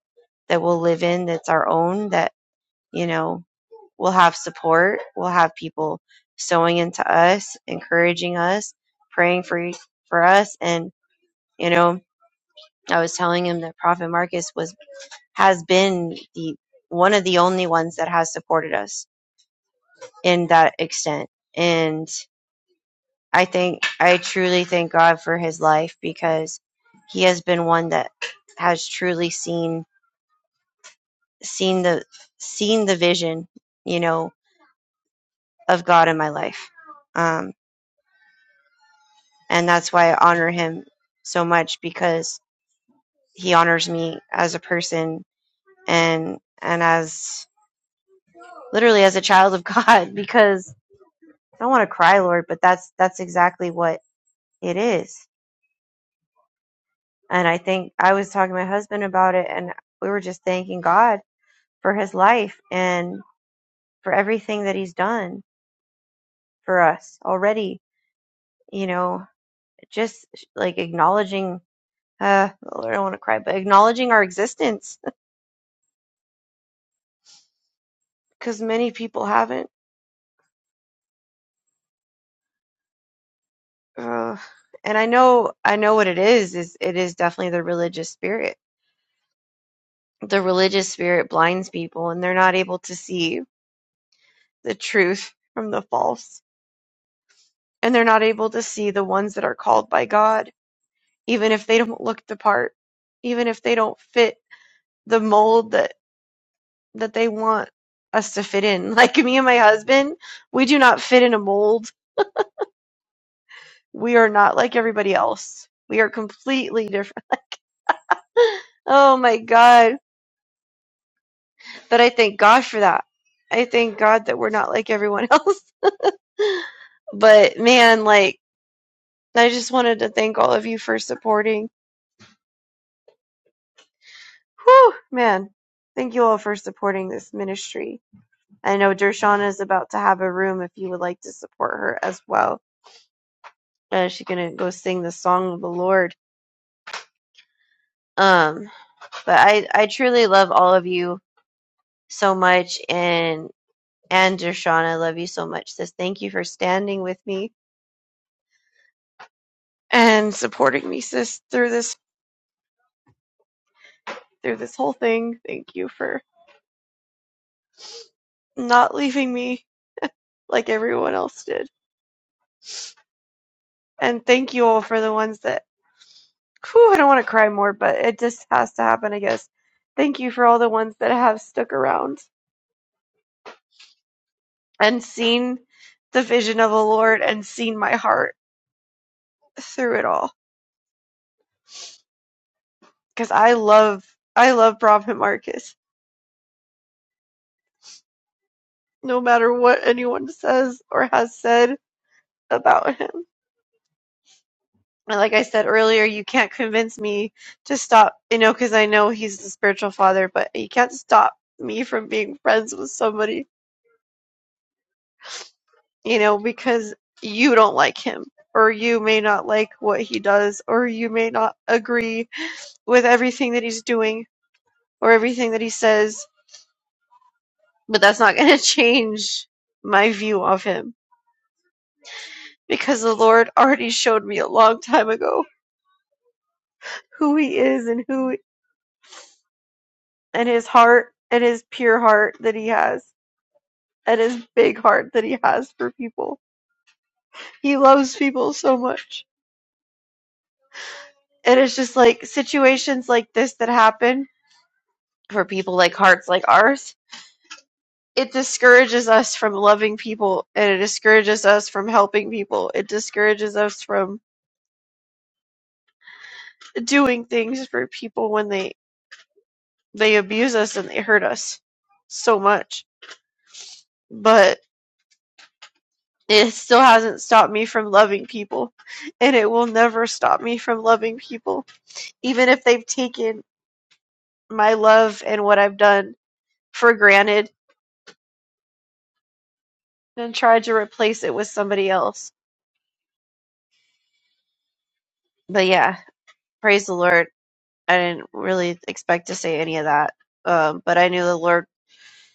that we'll live in that's our own that you know we'll have support we'll have people sewing into us encouraging us praying for for us and you know i was telling him that prophet marcus was has been the one of the only ones that has supported us in that extent and i think i truly thank god for his life because he has been one that has truly seen seen the seen the vision, you know, of God in my life. Um, and that's why I honor him so much because he honors me as a person and and as literally as a child of God because I don't want to cry, Lord, but that's that's exactly what it is. And I think I was talking to my husband about it and we were just thanking God for his life and for everything that he's done for us already, you know, just like acknowledging uh oh, I don't want to cry, but acknowledging our existence because many people haven't. Uh, and I know I know what it is is it is definitely the religious spirit. The religious spirit blinds people and they're not able to see the truth from the false. And they're not able to see the ones that are called by God, even if they don't look the part, even if they don't fit the mold that that they want us to fit in. Like me and my husband, we do not fit in a mold We are not like everybody else. We are completely different. Like, oh my God. But I thank God for that. I thank God that we're not like everyone else. But man, like, I just wanted to thank all of you for supporting. Whew, man. Thank you all for supporting this ministry. I know Dershana is about to have a room if you would like to support her as well. Uh, she's going to go sing the song of the Lord. Um, but I, I truly love all of you so much. And And Dershawn, I love you so much, sis. Thank you for standing with me and supporting me, sis, through this through this whole thing. Thank you for not leaving me like everyone else did. And thank you all for the ones that whew, I don't want to cry more, but it just has to happen, I guess. Thank you for all the ones that have stuck around and seen the vision of the Lord and seen my heart through it all. Because I love I love Prophet Marcus. No matter what anyone says or has said, about him. And like I said earlier, you can't convince me to stop, you know, because I know he's the spiritual father, but you can't stop me from being friends with somebody, you know, because you don't like him, or you may not like what he does, or you may not agree with everything that he's doing, or everything that he says, but that's not going to change my view of him because the Lord already showed me a long time ago who he is and who and his heart and his pure heart that he has and his big heart that he has for people. He loves people so much. And it's just like situations like this that happen for people like hearts like ours. It discourages us from loving people and it discourages us from helping people. It discourages us from doing things for people when they they abuse us and they hurt us so much. But It still hasn't stopped me from loving people, and it will never stop me from loving people, even if they've taken my love and what I've done for granted and tried to replace it with somebody else. But yeah, praise the Lord. I didn't really expect to say any of that, um, but I knew the Lord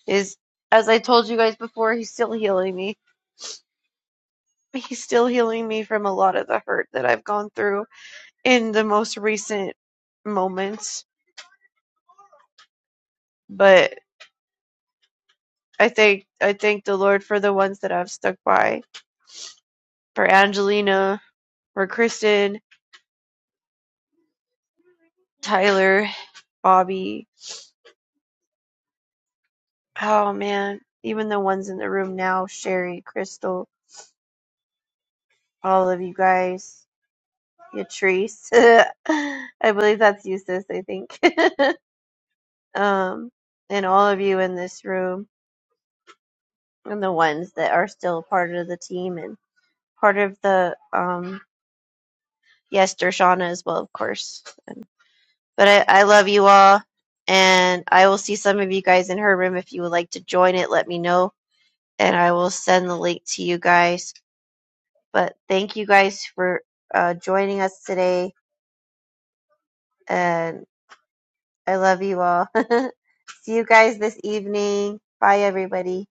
is, as I told you guys before, He's still healing me. He's still healing me from a lot of the hurt that I've gone through in the most recent moments, but I thank I thank the Lord for the ones that I've stuck by. For Angelina, for Kristen, Tyler, Bobby. Oh man. Even the ones in the room now, Sherry, Crystal, all of you guys. Yatrice. I believe that's you, sis, I think. um and all of you in this room and the ones that are still part of the team and part of the um yes, Dershana as well, of course. And But I, I love you all, and I will see some of you guys in her room. If you would like to join it, let me know, and I will send the link to you guys. But thank you guys for uh, joining us today, and I love you all. see you guys this evening. Bye, everybody.